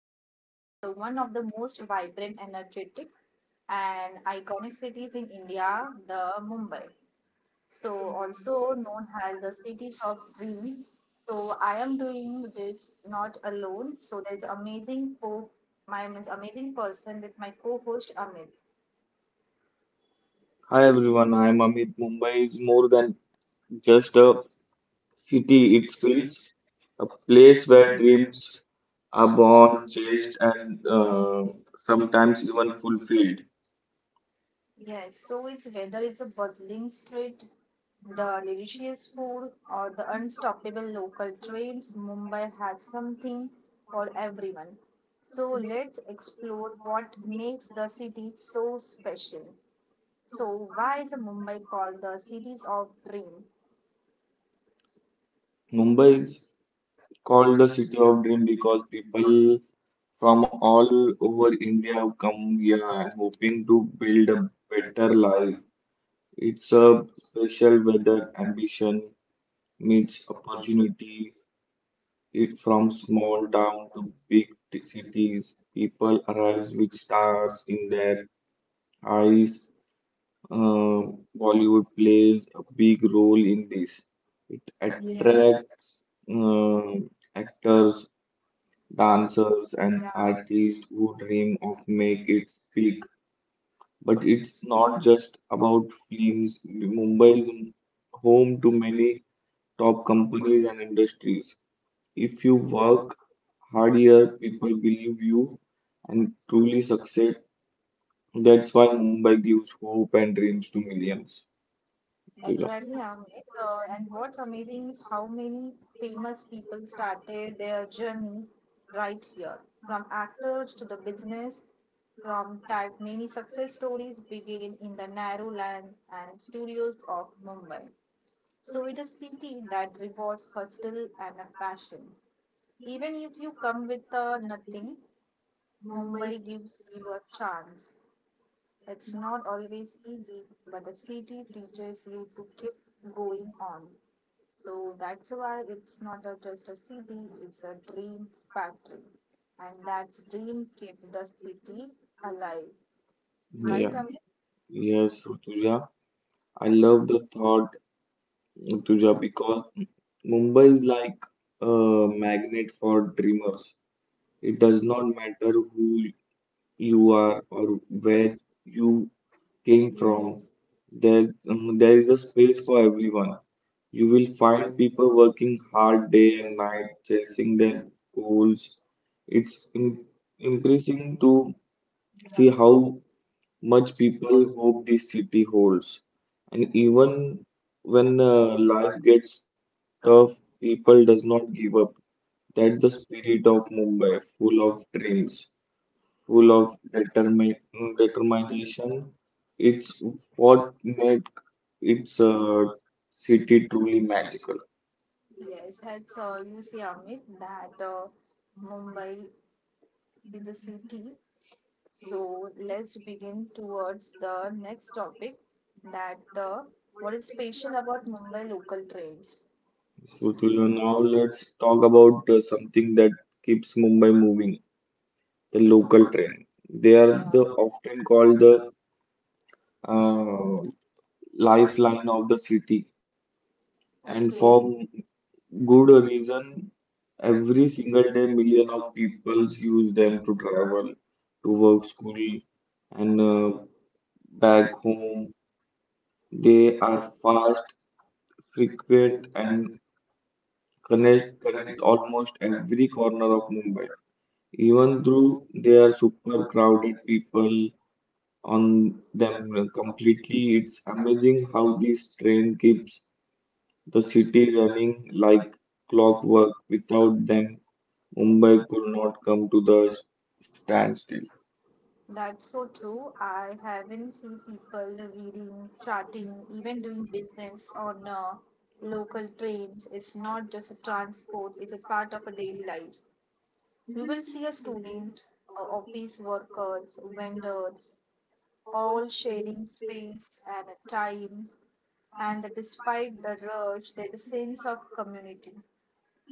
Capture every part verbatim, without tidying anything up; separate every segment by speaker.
Speaker 1: diving into the one of the most vibrant, energetic, and iconic cities in India, the Mumbai. So also known as the cities of dreams. So I am doing this not alone. So there's amazing co my mis- amazing person with my co-host Amit. Hi
Speaker 2: Hi
Speaker 1: everyone,
Speaker 2: everyone,
Speaker 1: I am
Speaker 2: I'm
Speaker 1: Amit.
Speaker 2: Amit. Mumbai is
Speaker 1: More
Speaker 2: more
Speaker 1: than
Speaker 2: than just
Speaker 1: just a
Speaker 2: a
Speaker 1: city,
Speaker 2: city, it
Speaker 1: it
Speaker 2: feels
Speaker 1: feels
Speaker 2: a
Speaker 1: a
Speaker 2: place
Speaker 1: place
Speaker 2: where
Speaker 1: where
Speaker 2: dreams
Speaker 1: dreams
Speaker 2: are
Speaker 1: are
Speaker 2: born,
Speaker 1: born, chased,
Speaker 2: chased,
Speaker 1: and
Speaker 2: and uh,
Speaker 1: uh,
Speaker 2: sometimes
Speaker 1: sometimes
Speaker 2: even
Speaker 1: even
Speaker 2: fulfilled.
Speaker 1: fulfilled. Yes, so it's whether it's a bustling street, the delicious food, or the unstoppable local trains, Mumbai has something for everyone. So let's explore what makes the city so special. So, why is Mumbai called the cities of dream?
Speaker 2: Mumbai
Speaker 1: Mumbai
Speaker 2: is
Speaker 1: is
Speaker 2: called the
Speaker 1: called the
Speaker 2: city
Speaker 1: city
Speaker 2: of
Speaker 1: of
Speaker 2: dream
Speaker 1: dreams
Speaker 2: because people from
Speaker 1: from all
Speaker 2: all over
Speaker 1: over
Speaker 2: India have
Speaker 1: India, come
Speaker 2: come here and
Speaker 1: here
Speaker 2: hoping to build a
Speaker 1: better
Speaker 2: better life.
Speaker 1: life.
Speaker 2: It's a
Speaker 1: Serve
Speaker 2: special weather
Speaker 1: under ambitious
Speaker 2: ambition meets
Speaker 1: opportunity
Speaker 2: opportunity It, from
Speaker 1: from
Speaker 2: small
Speaker 1: small
Speaker 2: town
Speaker 1: town
Speaker 2: to
Speaker 1: to
Speaker 2: big t-
Speaker 1: big city,
Speaker 2: cities, people
Speaker 1: from the
Speaker 2: arrive
Speaker 1: highs
Speaker 2: with
Speaker 1: with
Speaker 2: stars
Speaker 1: stars
Speaker 2: in
Speaker 1: in
Speaker 2: their
Speaker 1: their
Speaker 2: eyes.
Speaker 1: eyes,
Speaker 2: Um,
Speaker 1: uh,
Speaker 2: Bollywood plays a big role in this. It Yes.
Speaker 1: attract
Speaker 2: Attracts
Speaker 1: uh,
Speaker 2: um actors,
Speaker 1: actors, dancers,
Speaker 2: dancers, and
Speaker 1: and Yeah. artists,
Speaker 2: artists who dream of make
Speaker 1: make
Speaker 2: it
Speaker 1: it
Speaker 2: big.
Speaker 1: speak
Speaker 2: But it's not
Speaker 1: not just
Speaker 2: just about
Speaker 1: about
Speaker 2: films. Mumbai is
Speaker 1: boys in
Speaker 2: home to many top
Speaker 1: our
Speaker 2: companies
Speaker 1: companies.
Speaker 2: and
Speaker 1: And
Speaker 2: industries. If
Speaker 1: if
Speaker 2: you
Speaker 1: you
Speaker 2: work
Speaker 1: work
Speaker 2: harder,
Speaker 1: here, it
Speaker 2: people believe you and truly
Speaker 1: truly
Speaker 2: succeed. That's why
Speaker 1: satisfy
Speaker 2: Mumbai
Speaker 1: Mumbai
Speaker 2: gives
Speaker 1: gives
Speaker 2: hope
Speaker 1: hope
Speaker 2: and
Speaker 1: and
Speaker 2: dreams to
Speaker 1: dreams to millions.
Speaker 2: millions. Tuja.
Speaker 1: Exactly, yeah, Amit. Uh, and what's amazing is how many famous people started their journey right here. From actors to the business, from type, many success stories begin in the narrow lanes and studios of Mumbai. So it is city that rewards hustle and a passion. Even if you come with uh, nothing, Mumbai gives you a chance. It's not always easy, but the city teaches you to keep going on. So that's why it's not a, just a city, it's a dream factory. And that dream keeps the city alive. Right,
Speaker 2: Yeah.
Speaker 1: Amit?
Speaker 2: Yes, Rutuja. I love the thought Tuja, because Mumbai is
Speaker 1: Humans
Speaker 2: like a
Speaker 1: are uh,
Speaker 2: magnet
Speaker 1: magnet
Speaker 2: for
Speaker 1: for the
Speaker 2: dreamers. It does not matter who you
Speaker 1: who
Speaker 2: are
Speaker 1: are
Speaker 2: or where
Speaker 1: where
Speaker 2: you came
Speaker 1: came from.
Speaker 2: from.
Speaker 1: Yes.
Speaker 2: There, um, there is a space
Speaker 1: Space
Speaker 2: for everyone.
Speaker 1: one.
Speaker 2: You will find
Speaker 1: Find the
Speaker 2: people working hard
Speaker 1: hard
Speaker 2: day
Speaker 1: day
Speaker 2: and
Speaker 1: and
Speaker 2: night,
Speaker 1: night
Speaker 2: chasing their
Speaker 1: them.
Speaker 2: goals. It's im- impressive
Speaker 1: Seeing
Speaker 2: to see how
Speaker 1: how
Speaker 2: much people
Speaker 1: people
Speaker 2: hope this city holds. And even
Speaker 1: even
Speaker 2: when uh,
Speaker 1: uh,
Speaker 2: life
Speaker 1: like
Speaker 2: gets
Speaker 1: it's
Speaker 2: tough,
Speaker 1: tough
Speaker 2: people does not give
Speaker 1: uh,
Speaker 2: up. That's
Speaker 1: that
Speaker 2: the
Speaker 1: the
Speaker 2: spirit of Mumbai, full of
Speaker 1: full of
Speaker 2: dreams, full
Speaker 1: full
Speaker 2: of
Speaker 1: of
Speaker 2: determin determination.
Speaker 1: imagination
Speaker 2: It's what
Speaker 1: for
Speaker 2: make its uh,
Speaker 1: uh,
Speaker 2: city truly
Speaker 1: magic.
Speaker 2: magical.
Speaker 1: Yes, as uh, you see, Amit, that uh, Mumbai is a city. So let's begin towards the next topic that uh, what is special about Mumbai local trains?
Speaker 2: So,
Speaker 1: City
Speaker 2: Tuja, now
Speaker 1: now that
Speaker 2: let's talk about uh, something that keeps Mumbai moving, the local train. They
Speaker 1: they
Speaker 2: are
Speaker 1: are,
Speaker 2: the
Speaker 1: yeah,
Speaker 2: often called the
Speaker 1: the uh,
Speaker 2: uh,
Speaker 1: life
Speaker 2: lifeline of the city. And
Speaker 1: and okay,
Speaker 2: for
Speaker 1: for
Speaker 2: good
Speaker 1: good
Speaker 2: reason, every
Speaker 1: every
Speaker 2: single day,
Speaker 1: one
Speaker 2: million of
Speaker 1: of
Speaker 2: people use them
Speaker 1: them
Speaker 2: to
Speaker 1: to
Speaker 2: travel,
Speaker 1: travel
Speaker 2: to work, school,
Speaker 1: school,
Speaker 2: and uh,
Speaker 1: uh,
Speaker 2: back
Speaker 1: back
Speaker 2: home.
Speaker 1: home,
Speaker 2: They
Speaker 1: they
Speaker 2: are
Speaker 1: are fast
Speaker 2: fast, frequent, and
Speaker 1: and
Speaker 2: connect connect
Speaker 1: connect
Speaker 2: almost
Speaker 1: almost
Speaker 2: every corner
Speaker 1: everyone.
Speaker 2: of
Speaker 1: uh,
Speaker 2: Mumbai. Even
Speaker 1: Even
Speaker 2: though
Speaker 1: through
Speaker 2: they are super
Speaker 1: work
Speaker 2: crowded people on
Speaker 1: there
Speaker 2: them
Speaker 1: are
Speaker 2: completely, it's amazing how
Speaker 1: how
Speaker 2: this train keeps the city
Speaker 1: quickly
Speaker 2: running like
Speaker 1: clock
Speaker 2: clockwork. Without them, Mumbai
Speaker 1: movement
Speaker 2: could not come to
Speaker 1: down to
Speaker 2: the
Speaker 1: the
Speaker 2: s-
Speaker 1: stands.
Speaker 2: standstill.
Speaker 1: That's so true. I haven't seen people reading, charting, even doing business on uh, local trains. It's not just a transport, it's a part of a daily life. You will see a student, uh, office workers, vendors, all sharing space and a time. And despite the rush, there's a sense of community.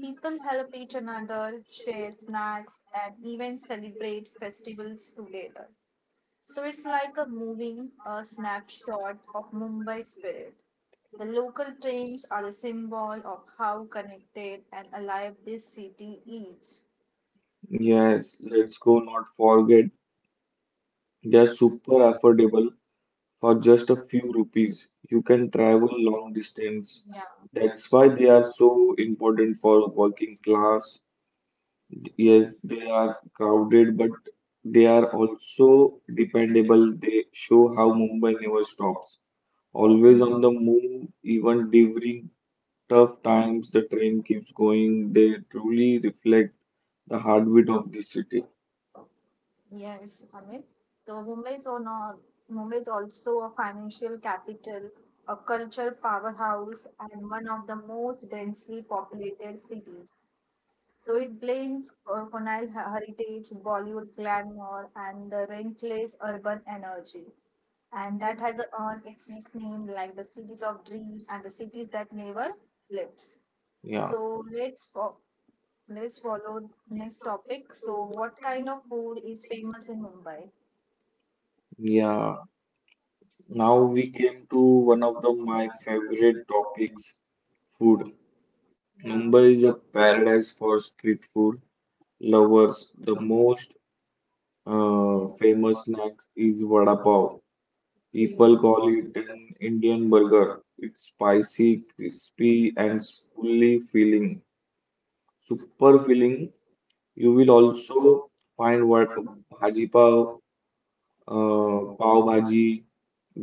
Speaker 1: People help each another, share snacks, and even celebrate festivals together. So it's like a moving a snapshot of Mumbai spirit. The local trains are a symbol of how connected and alive this city is.
Speaker 2: Yes,
Speaker 1: Yes,
Speaker 2: let's
Speaker 1: let's
Speaker 2: go not
Speaker 1: forget.
Speaker 2: forget they are
Speaker 1: They're
Speaker 2: super
Speaker 1: super
Speaker 2: affordable for just a few
Speaker 1: few
Speaker 2: rupees. You can travel
Speaker 1: travel
Speaker 2: long
Speaker 1: long.
Speaker 2: distance.
Speaker 1: Yeah.
Speaker 2: That's
Speaker 1: That's
Speaker 2: why
Speaker 1: why
Speaker 2: they
Speaker 1: they
Speaker 2: are
Speaker 1: are
Speaker 2: so important for working class. Yes, they
Speaker 1: they
Speaker 2: are
Speaker 1: are
Speaker 2: crowded,
Speaker 1: crowded.
Speaker 2: but they
Speaker 1: They
Speaker 2: are
Speaker 1: are al-
Speaker 2: also dependable. They show how Mumbai never stops. Always
Speaker 1: always
Speaker 2: on
Speaker 1: on
Speaker 2: the
Speaker 1: the
Speaker 2: move, even
Speaker 1: front. We have
Speaker 2: during
Speaker 1: tough
Speaker 2: tough
Speaker 1: time.
Speaker 2: times, the train keeps going. They truly reflect the
Speaker 1: The hard.
Speaker 2: heartbeat of the city.
Speaker 1: Yes, Amit. So Mumbai is on a, Mumbai is also a financial capital, a cultural powerhouse, and one of the most densely populated cities. So it blends uh, colonial heritage, Bollywood glamour, and the relentless urban energy. And that has earned its nickname like the cities of dreams and the cities that never sleeps. Yeah.
Speaker 2: Yeah.
Speaker 1: So let's fo- Let's follow next topic. So, what kind of food is famous in Mumbai? Yeah,
Speaker 2: Yeah, now
Speaker 1: now
Speaker 2: we came to one of the my
Speaker 1: my
Speaker 2: favorite
Speaker 1: favorite topic
Speaker 2: topics,
Speaker 1: is
Speaker 2: food.
Speaker 1: food.
Speaker 2: Mumbai
Speaker 1: Mumbai
Speaker 2: is
Speaker 1: is
Speaker 2: a
Speaker 1: a
Speaker 2: paradise
Speaker 1: paradise for
Speaker 2: for
Speaker 1: the.
Speaker 2: street food lovers. The
Speaker 1: The most
Speaker 2: most Uh,
Speaker 1: uh,
Speaker 2: famous snack is vada
Speaker 1: vada
Speaker 2: pav.
Speaker 1: pav,
Speaker 2: People
Speaker 1: olive
Speaker 2: call it an
Speaker 1: and
Speaker 2: Indian burger.
Speaker 1: burger,
Speaker 2: It's spicy, crispy,
Speaker 1: and
Speaker 2: and fully filling. Super
Speaker 1: super
Speaker 2: filling.
Speaker 1: filling.
Speaker 2: You will
Speaker 1: It
Speaker 2: also
Speaker 1: also
Speaker 2: find what
Speaker 1: people,
Speaker 2: bhaji pav, uh,
Speaker 1: uh,
Speaker 2: pav
Speaker 1: pav bhaji,
Speaker 2: bhaji,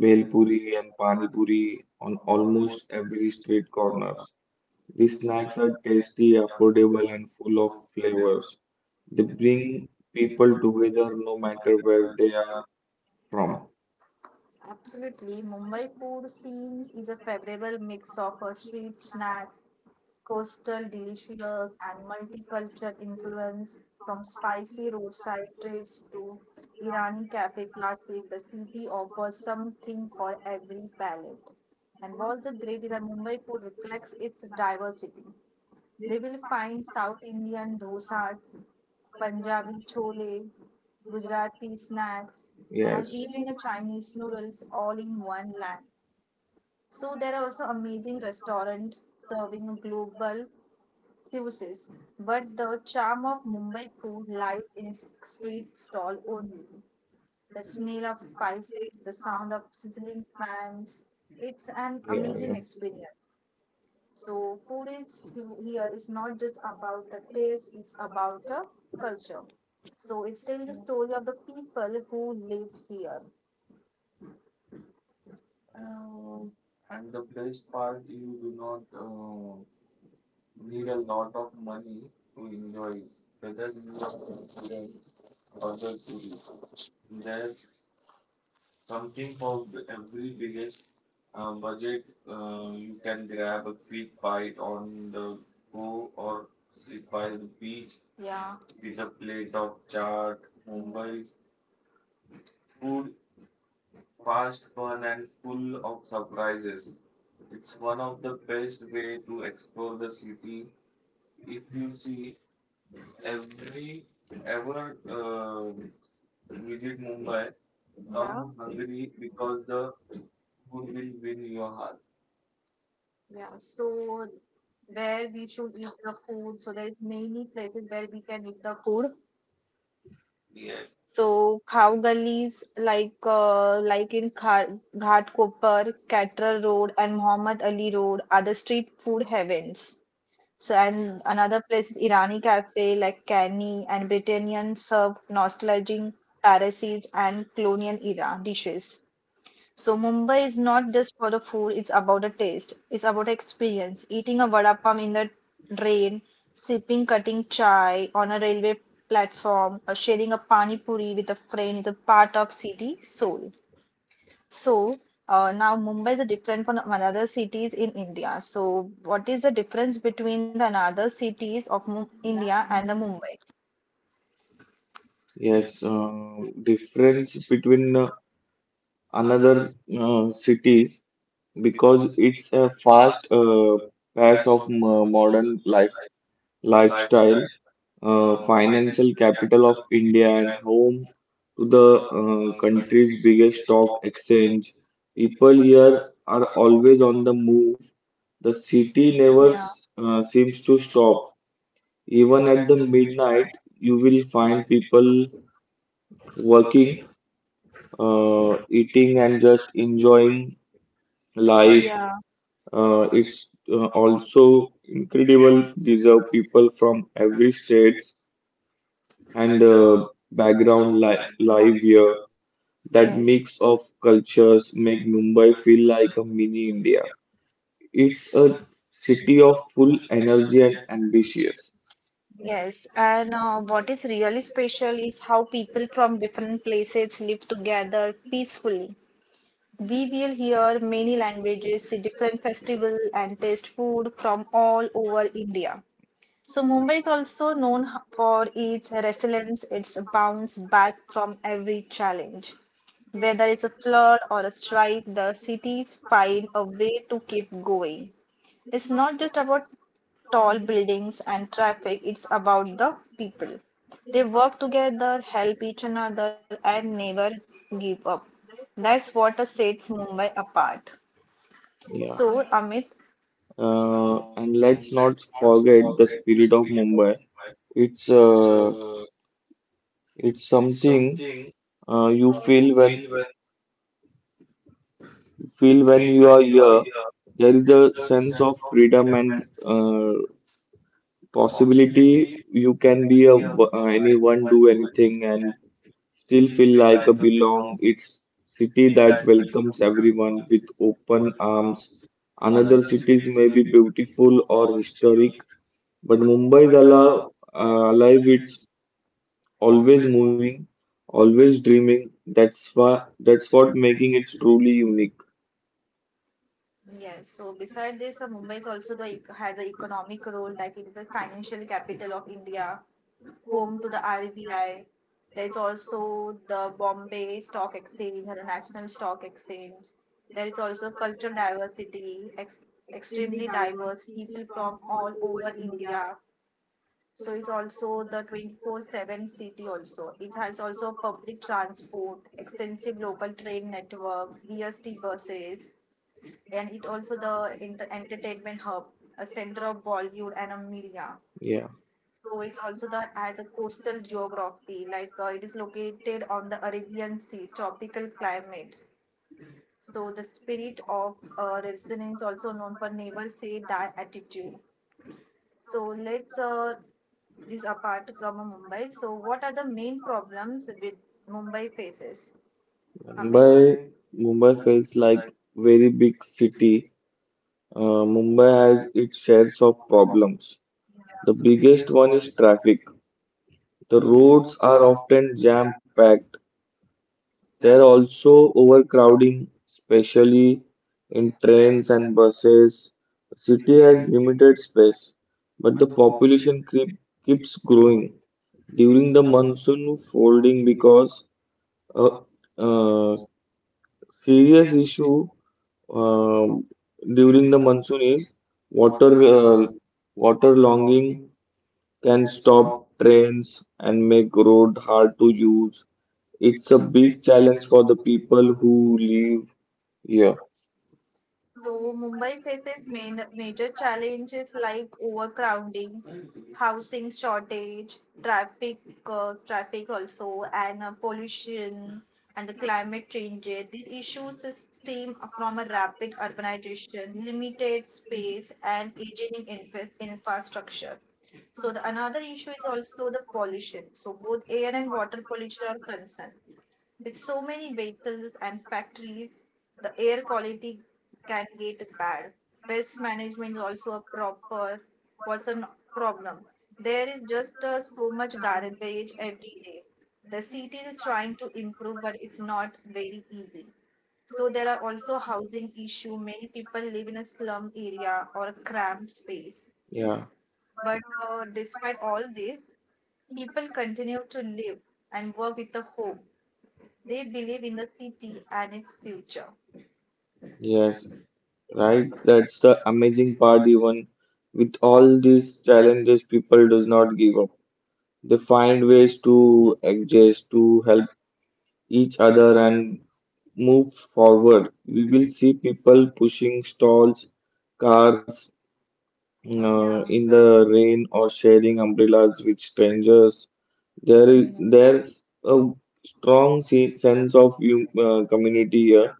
Speaker 2: bhel puri, and pani
Speaker 1: pani,
Speaker 2: puri on
Speaker 1: almost
Speaker 2: almost every street
Speaker 1: korma.
Speaker 2: corners. These
Speaker 1: These
Speaker 2: snacks
Speaker 1: snacks
Speaker 2: are
Speaker 1: are,
Speaker 2: tasty,
Speaker 1: yeah, for
Speaker 2: affordable, and full of
Speaker 1: flavor.
Speaker 2: flavors. They bring
Speaker 1: Being
Speaker 2: people together no
Speaker 1: where
Speaker 2: matter
Speaker 1: they
Speaker 2: where they are
Speaker 1: are
Speaker 2: from.
Speaker 1: from. Absolutely. Mumbai food scenes is a favorable mix of uh, street snacks, coastal delicious, and multicultural influence from spicy roadside treats to Irani cafe classic. The city offers something for every palate. And what's the great is that Mumbai food reflects its diversity. We will find South Indian dosas, Punjabi chole, Gujarati snacks, and
Speaker 2: Yes.
Speaker 1: even a Chinese noodles all in one land. So there are also amazing restaurant serving global cuisines, but the charm of Mumbai food lies in its street stall only. The smell of spices, the sound of sizzling fans, it's an
Speaker 2: Yeah, yeah.
Speaker 1: amazing experience. So food is here is not just about the taste, it's about the culture. So it's still the story of the people who live here. Um, and the best part, you do not uh, need a lot of money to enjoy it. Whether you are a student or the tourist, there's something for every biggest uh, budget, uh, you can grab a quick bite on the go or sit by the beach, yeah, with a plate of chaat. Mumbai's food, fast, fun, and full of surprises. It's one of the best way to explore the city. If you see every ever uh, visit Mumbai, yeah, come hungry because the food will win your heart. Yeah, so where we should eat the food. So there is many places where we can eat the food. Yes. So cow gullies like uh, like in Kha- Ghat Kopar, Catra Road, and Muhammad Ali Road are the street food heavens. So and another place is Irani Cafe, like Canny and Britannian serve nostalgic Parsis and colonial era dishes. So Mumbai is not just for the food, it's about the taste. It's about experience. Eating a vada pav in the rain, sipping cutting chai on a railway platform, or sharing a pani puri with a friend is a part of city soul. So uh, now Mumbai is different from another cities in India. So what is the difference between the another cities of Mu- India and the Mumbai?
Speaker 2: Yes,
Speaker 1: Yes, uh,
Speaker 2: uh,
Speaker 1: different
Speaker 2: difference between
Speaker 1: with
Speaker 2: uh,
Speaker 1: the another,
Speaker 2: another uh, cities because
Speaker 1: because
Speaker 2: it's
Speaker 1: it's
Speaker 2: a
Speaker 1: a
Speaker 2: fast
Speaker 1: fast uh,
Speaker 2: uh, pace
Speaker 1: as
Speaker 2: of mo- modern life
Speaker 1: lifestyle,
Speaker 2: lifestyle, uh,
Speaker 1: uh, finally
Speaker 2: financial capital of India
Speaker 1: and
Speaker 2: and home to the uh,
Speaker 1: um,
Speaker 2: country's biggest
Speaker 1: stop
Speaker 2: stock exchange. People
Speaker 1: here
Speaker 2: here are
Speaker 1: are
Speaker 2: always on the move. The city
Speaker 1: we never,
Speaker 2: never uh,
Speaker 1: yeah,
Speaker 2: seems to
Speaker 1: uh, stop
Speaker 2: stop. Even
Speaker 1: even
Speaker 2: at
Speaker 1: at the
Speaker 2: the
Speaker 1: time
Speaker 2: midnight, you will
Speaker 1: find
Speaker 2: find people
Speaker 1: work
Speaker 2: working,
Speaker 1: uh,
Speaker 2: uh, eating, and just enjoying
Speaker 1: life,
Speaker 2: life.
Speaker 1: yeah,
Speaker 2: Uh,
Speaker 1: uh, in
Speaker 2: it's uh,
Speaker 1: all
Speaker 2: also incredible. These are people from every states and
Speaker 1: and uh,
Speaker 2: uh, background
Speaker 1: background
Speaker 2: li
Speaker 1: life, life
Speaker 2: live here. That
Speaker 1: that, yes, makes
Speaker 2: mix of cultures make Mumbai feel like a mini India.
Speaker 1: it
Speaker 2: It's a
Speaker 1: a
Speaker 2: city
Speaker 1: city of
Speaker 2: of full
Speaker 1: full
Speaker 2: energy
Speaker 1: energy
Speaker 2: and
Speaker 1: and ambition.
Speaker 2: ambitious.
Speaker 1: Yes, and uh, what is really special is how people from different places live together peacefully. We will hear many languages, see different festivals, and taste food from all over India. So Mumbai is also known for its resilience, its bounce back from every challenge. Whether it's a flood or a strike, the cities find a way to keep going. It's not just about tall buildings and traffic, it's about the people. They work together, help each another, and never give up. That's what sets Mumbai apart.
Speaker 2: Yeah.
Speaker 1: So, Amit,
Speaker 2: Uh,
Speaker 1: Uh,
Speaker 2: and
Speaker 1: and
Speaker 2: let's not
Speaker 1: let's not
Speaker 2: forget the
Speaker 1: forget the
Speaker 2: spirit of
Speaker 1: spirit of
Speaker 2: Mumbai.
Speaker 1: Mumbai.
Speaker 2: It's
Speaker 1: It's,
Speaker 2: uh,
Speaker 1: uh,
Speaker 2: it's
Speaker 1: it's
Speaker 2: something
Speaker 1: something
Speaker 2: uh, you
Speaker 1: uh, you
Speaker 2: feel when
Speaker 1: feel when
Speaker 2: feel when
Speaker 1: feel
Speaker 2: you
Speaker 1: when
Speaker 2: are
Speaker 1: you are
Speaker 2: here.
Speaker 1: here.
Speaker 2: There is a
Speaker 1: That the
Speaker 2: sense
Speaker 1: sense
Speaker 2: of
Speaker 1: of
Speaker 2: freedom
Speaker 1: freedom
Speaker 2: and
Speaker 1: and uh,
Speaker 2: uh, possibility.
Speaker 1: possibility
Speaker 2: You can
Speaker 1: that
Speaker 2: be a
Speaker 1: we have
Speaker 2: w- uh,
Speaker 1: uh,
Speaker 2: anyone,
Speaker 1: able
Speaker 2: do
Speaker 1: to
Speaker 2: anything, and
Speaker 1: and
Speaker 2: still
Speaker 1: still
Speaker 2: feel
Speaker 1: feel
Speaker 2: like
Speaker 1: like
Speaker 2: a
Speaker 1: a
Speaker 2: belong.
Speaker 1: belong.
Speaker 2: It's
Speaker 1: It's
Speaker 2: city
Speaker 1: city
Speaker 2: that
Speaker 1: that
Speaker 2: welcomes everyone with open
Speaker 1: um,
Speaker 2: arms. Another
Speaker 1: another
Speaker 2: cities may be beautiful or
Speaker 1: or
Speaker 2: historic, but Mumbai is
Speaker 1: Kerala
Speaker 2: alive.
Speaker 1: uh,
Speaker 2: Uh, alive. It's always moving,
Speaker 1: movie.
Speaker 2: always dreaming. That's why.
Speaker 1: uh,
Speaker 2: That's what making it truly unique.
Speaker 1: Yes. So beside this, uh, Mumbai is also the ec- has an economic role, like it is a financial capital of India, home to the R B I. There's also the Bombay Stock Exchange and the National Stock Exchange. There is also cultural diversity, ex extremely diverse people from all over India. So it's also the twenty-four seven city also. It has also public transport, extensive local train network, V S T buses and it also the inter- entertainment hub, a center of Bollywood and a media.
Speaker 2: Yeah.
Speaker 1: So it's also the as a coastal geography, like uh, it is located on the Arabian Sea, tropical climate. So the spirit of uh, resonance, also known for never say die attitude. So let's uh, this apart from uh, Mumbai. So what are the main problems with Mumbai faces? Amit?
Speaker 2: Mumbai, Mumbai feels like very big city. Uh, Mumbai
Speaker 1: Mumbai
Speaker 2: has its shares of problems. The biggest one is traffic. The roads are
Speaker 1: are,
Speaker 2: often
Speaker 1: yeah.
Speaker 2: jam-packed. There are
Speaker 1: there also
Speaker 2: also
Speaker 1: also
Speaker 2: overcrowding, especially
Speaker 1: especially
Speaker 2: in trains and buses. The city has limited space, but the population creep keeps growing. During
Speaker 1: the
Speaker 2: the monsoon, folding because uh, uh, serious
Speaker 1: serious
Speaker 2: issue
Speaker 1: issue
Speaker 2: um,
Speaker 1: uh,
Speaker 2: during
Speaker 1: during
Speaker 2: the
Speaker 1: the
Speaker 2: monsoon
Speaker 1: monsoon
Speaker 2: is
Speaker 1: is
Speaker 2: water
Speaker 1: water, uh,
Speaker 2: uh, water
Speaker 1: water
Speaker 2: logging
Speaker 1: logging
Speaker 2: can
Speaker 1: can
Speaker 2: stop
Speaker 1: stop
Speaker 2: trains
Speaker 1: trains
Speaker 2: and
Speaker 1: and
Speaker 2: make
Speaker 1: make
Speaker 2: road
Speaker 1: roads
Speaker 2: hard
Speaker 1: hard
Speaker 2: to
Speaker 1: to-.
Speaker 2: use. It's a
Speaker 1: It's a
Speaker 2: big
Speaker 1: big
Speaker 2: challenge
Speaker 1: challenge
Speaker 2: for the
Speaker 1: for the
Speaker 2: people
Speaker 1: people who
Speaker 2: who
Speaker 1: live.
Speaker 2: live here.
Speaker 1: So Mumbai faces main, major challenges like overcrowding, housing shortage, traffic, uh, traffic also, and uh, pollution and the climate changes. These issues stem from a rapid urbanization, limited space, and aging infra infrastructure. So the another issue is also the pollution. So both air and water pollution are concerned. With so many vehicles and factories, the air quality can get bad. Pest management is also a proper was a problem. There is just uh, so much garbage every day. The city is trying to improve, but it's not very easy. So there are also housing issue. Many people live in a slum area or a cramped space. Yeah.
Speaker 2: Yeah,
Speaker 1: But uh, despite all this, people continue to live and work with the hope they believe in the city and its future.
Speaker 2: yes,
Speaker 1: Yes,
Speaker 2: right.
Speaker 1: like that
Speaker 2: That's the amazing
Speaker 1: is
Speaker 2: part.
Speaker 1: part is
Speaker 2: Even with
Speaker 1: all
Speaker 2: all these challenges, people does not give up. They find
Speaker 1: find
Speaker 2: ways to adjust to help each other
Speaker 1: other
Speaker 2: and
Speaker 1: and
Speaker 2: move
Speaker 1: for
Speaker 2: forward. We will
Speaker 1: within
Speaker 2: see people pushing stalls, cars
Speaker 1: that uh,
Speaker 2: uh,
Speaker 1: yeah,
Speaker 2: in
Speaker 1: is
Speaker 2: the rain, or sharing umbrellas with strangers. There is there's a
Speaker 1: strong
Speaker 2: strong se- sense of hum- uh, community here.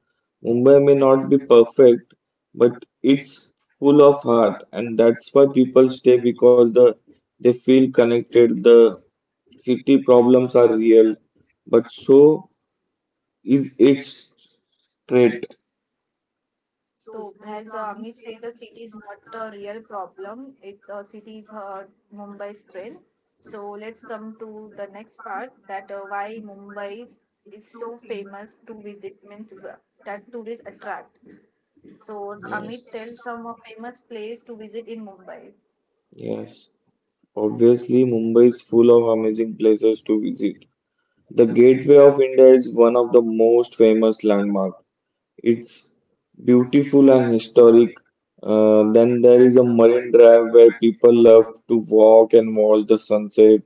Speaker 2: Mumbai may
Speaker 1: and
Speaker 2: not
Speaker 1: not
Speaker 2: be perfect, but it's
Speaker 1: it's
Speaker 2: full of heart,
Speaker 1: hard
Speaker 2: and that's why people stay because the they feel
Speaker 1: connected.
Speaker 2: connected. The city problems
Speaker 1: I'm
Speaker 2: are
Speaker 1: sorry,
Speaker 2: real, but so is it
Speaker 1: it's great.
Speaker 2: straight?
Speaker 1: So, as uh, Amit said, the city is not a real problem. It's a city is uh, Mumbai's strength. So let's come to the next part that uh, why Mumbai is so famous to visit means wh- that tourists attract. So
Speaker 2: Yes,
Speaker 1: Amit, tell some uh, famous place to visit in Mumbai.
Speaker 2: yes. Obviously, Mumbai is full of amazing places to visit. The
Speaker 1: Gateway
Speaker 2: Gateway
Speaker 1: of India
Speaker 2: of India is
Speaker 1: is
Speaker 2: one
Speaker 1: one
Speaker 2: of
Speaker 1: of
Speaker 2: the
Speaker 1: the most
Speaker 2: most famous
Speaker 1: famous
Speaker 2: landmarks.
Speaker 1: landmarks.
Speaker 2: It's
Speaker 1: It's
Speaker 2: beautiful
Speaker 1: beautiful
Speaker 2: and
Speaker 1: and
Speaker 2: historic.
Speaker 1: historic.
Speaker 2: Uh,
Speaker 1: Uh,
Speaker 2: then
Speaker 1: that
Speaker 2: there is
Speaker 1: there
Speaker 2: a
Speaker 1: is a
Speaker 2: marine
Speaker 1: mind
Speaker 2: drive
Speaker 1: trap
Speaker 2: where
Speaker 1: and
Speaker 2: people
Speaker 1: people
Speaker 2: love
Speaker 1: have
Speaker 2: to
Speaker 1: to
Speaker 2: walk
Speaker 1: walk and
Speaker 2: and watch
Speaker 1: hold
Speaker 2: the
Speaker 1: the
Speaker 2: sunset.
Speaker 1: sunset.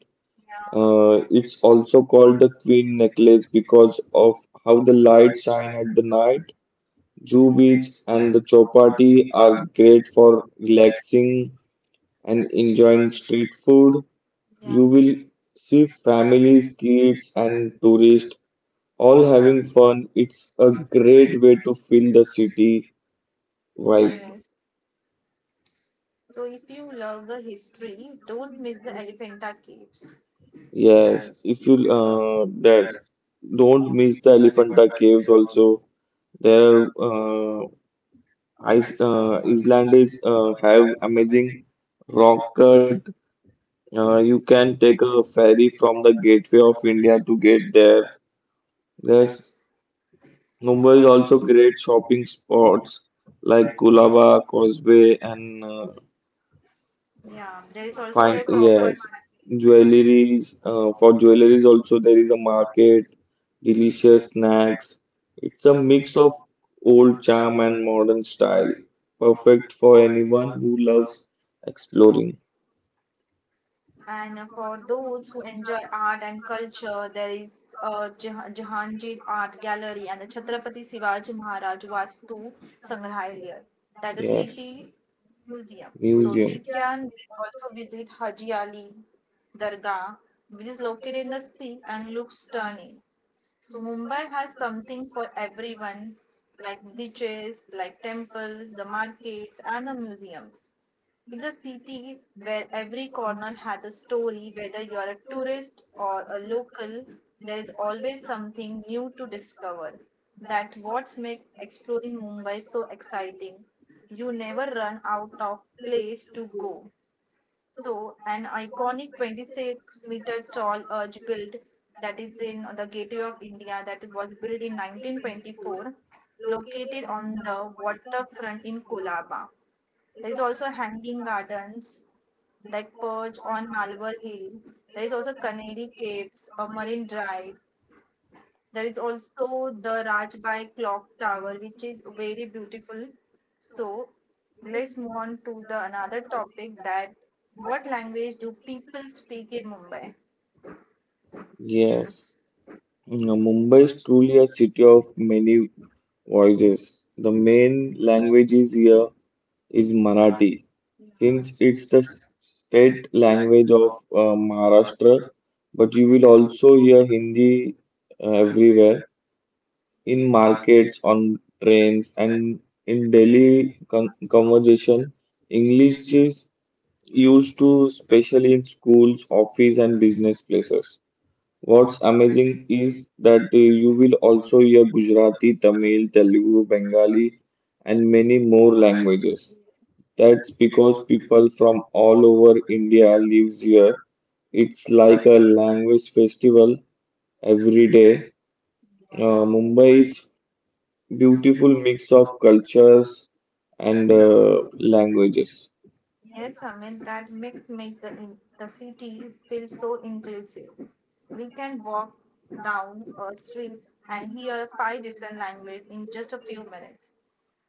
Speaker 1: Yeah.
Speaker 2: Uh,
Speaker 1: Uh,
Speaker 2: it's
Speaker 1: it's also
Speaker 2: also called
Speaker 1: called
Speaker 2: the
Speaker 1: the
Speaker 2: Queen
Speaker 1: green
Speaker 2: Necklace
Speaker 1: necklace
Speaker 2: because
Speaker 1: because
Speaker 2: of
Speaker 1: of
Speaker 2: how
Speaker 1: how
Speaker 2: the
Speaker 1: the
Speaker 2: lights
Speaker 1: light
Speaker 2: shine
Speaker 1: shine
Speaker 2: at the
Speaker 1: at
Speaker 2: night. Jew
Speaker 1: blue
Speaker 2: Beach
Speaker 1: beach
Speaker 2: and
Speaker 1: and
Speaker 2: the
Speaker 1: the
Speaker 2: Chowpatty
Speaker 1: chapati
Speaker 2: are
Speaker 1: are
Speaker 2: great
Speaker 1: great for
Speaker 2: for
Speaker 1: relaxing
Speaker 2: relaxing and
Speaker 1: and
Speaker 2: enjoying
Speaker 1: enjoying
Speaker 2: street
Speaker 1: street food.
Speaker 2: food.
Speaker 1: Yeah.
Speaker 2: You
Speaker 1: You
Speaker 2: will
Speaker 1: will
Speaker 2: see
Speaker 1: see
Speaker 2: families,
Speaker 1: families, kids,
Speaker 2: kids, and
Speaker 1: and
Speaker 2: tourists
Speaker 1: tourists
Speaker 2: all
Speaker 1: all
Speaker 2: having
Speaker 1: having fun.
Speaker 2: fun.
Speaker 1: It's
Speaker 2: It's a
Speaker 1: a
Speaker 2: great
Speaker 1: great
Speaker 2: way to feel the city. Right.
Speaker 1: vibe. Yes. So if you love the history, don't miss the Elephanta Caves.
Speaker 2: Yes.
Speaker 1: Yes.
Speaker 2: If you
Speaker 1: uh,
Speaker 2: uh that
Speaker 1: that
Speaker 2: Don't miss the Elephanta Caves also. There
Speaker 1: uh,
Speaker 2: uh Ice uh
Speaker 1: uh,
Speaker 2: Icelanders uh have
Speaker 1: I've
Speaker 2: amazing rock cut.
Speaker 1: conquered.
Speaker 2: Uh
Speaker 1: Uh,
Speaker 2: you
Speaker 1: you
Speaker 2: can
Speaker 1: can
Speaker 2: take
Speaker 1: take a
Speaker 2: a ferry
Speaker 1: ferry
Speaker 2: from
Speaker 1: from
Speaker 2: the Gateway of India to get there. There's Mumbai is
Speaker 1: Mumbai
Speaker 2: also
Speaker 1: or
Speaker 2: great shopping spots like Colaba, Causeway and uh,
Speaker 1: yeah, there is also the
Speaker 2: Fine,
Speaker 1: find real Cropper.
Speaker 2: yes. Jewelries, uh, for jewelries also there is a market,
Speaker 1: Market,
Speaker 2: delicious
Speaker 1: delicious snacks.
Speaker 2: snacks. It's
Speaker 1: It's
Speaker 2: a
Speaker 1: a
Speaker 2: mix
Speaker 1: mix
Speaker 2: of
Speaker 1: of
Speaker 2: old
Speaker 1: old charm
Speaker 2: charm
Speaker 1: and
Speaker 2: and modern
Speaker 1: modern
Speaker 2: style,
Speaker 1: style,
Speaker 2: perfect
Speaker 1: perfect
Speaker 2: for
Speaker 1: for
Speaker 2: anyone
Speaker 1: anyone
Speaker 2: who
Speaker 1: who
Speaker 2: loves
Speaker 1: loves.
Speaker 2: exploring.
Speaker 1: And uh, for those who enjoy art and culture, there is uh, Jah- Jahangir Art Gallery and the Chhatrapati Shivaji Maharaj Vastu Sangrahalaya, that is city museum. So we can also visit Haji Ali Dargah, which is located in the sea and looks stunning. So Mumbai has something for everyone, like beaches, like temples, the markets, and the museums. It's a city where every corner has a story. Whether you're a tourist or a local, there is always something new to discover. That's what makes exploring Mumbai so exciting. You never run out of place to go. So, an iconic twenty-six meter tall arch built, that is in the Gateway of India, that is- was built in nineteen twenty-four, located on the waterfront in Colaba. There is also hanging gardens like Perch on Malvar Hill. There is also Canary Caves, a marine drive, there is also the Rajbai clock tower, which is very beautiful. So let's move on to the another topic, that what language do people speak in Mumbai?
Speaker 2: Yes.
Speaker 1: Yes,
Speaker 2: Now,
Speaker 1: you know,
Speaker 2: Mumbai
Speaker 1: Mumbai
Speaker 2: is
Speaker 1: is
Speaker 2: truly
Speaker 1: truly
Speaker 2: a city of many voices. The main languages here is
Speaker 1: a Marathi
Speaker 2: Marathi, since it's the state
Speaker 1: language
Speaker 2: language of uh, Maharashtra. But you will also hear Hindi uh, everywhere in
Speaker 1: market,
Speaker 2: markets, on trains, and
Speaker 1: and
Speaker 2: in daily
Speaker 1: we
Speaker 2: con conversation. English is used
Speaker 1: used
Speaker 2: to,
Speaker 1: to
Speaker 2: especially in schools, office, and business places. What's amazing
Speaker 1: speak
Speaker 2: is that uh, you will also hear Gujarati, Tamil, Telugu, Bengali, and many more
Speaker 1: language
Speaker 2: languages. That's because
Speaker 1: because
Speaker 2: people from all over India lives here. It's like a language festival every day. Uh,
Speaker 1: yeah.
Speaker 2: Mumbai is beautiful mix of cultures and
Speaker 1: And
Speaker 2: uh,
Speaker 1: it's
Speaker 2: languages.
Speaker 1: yes, I mean that mix makes the in- the city feel so inclusive. We can walk down a street and hear five different languages in just a few minutes.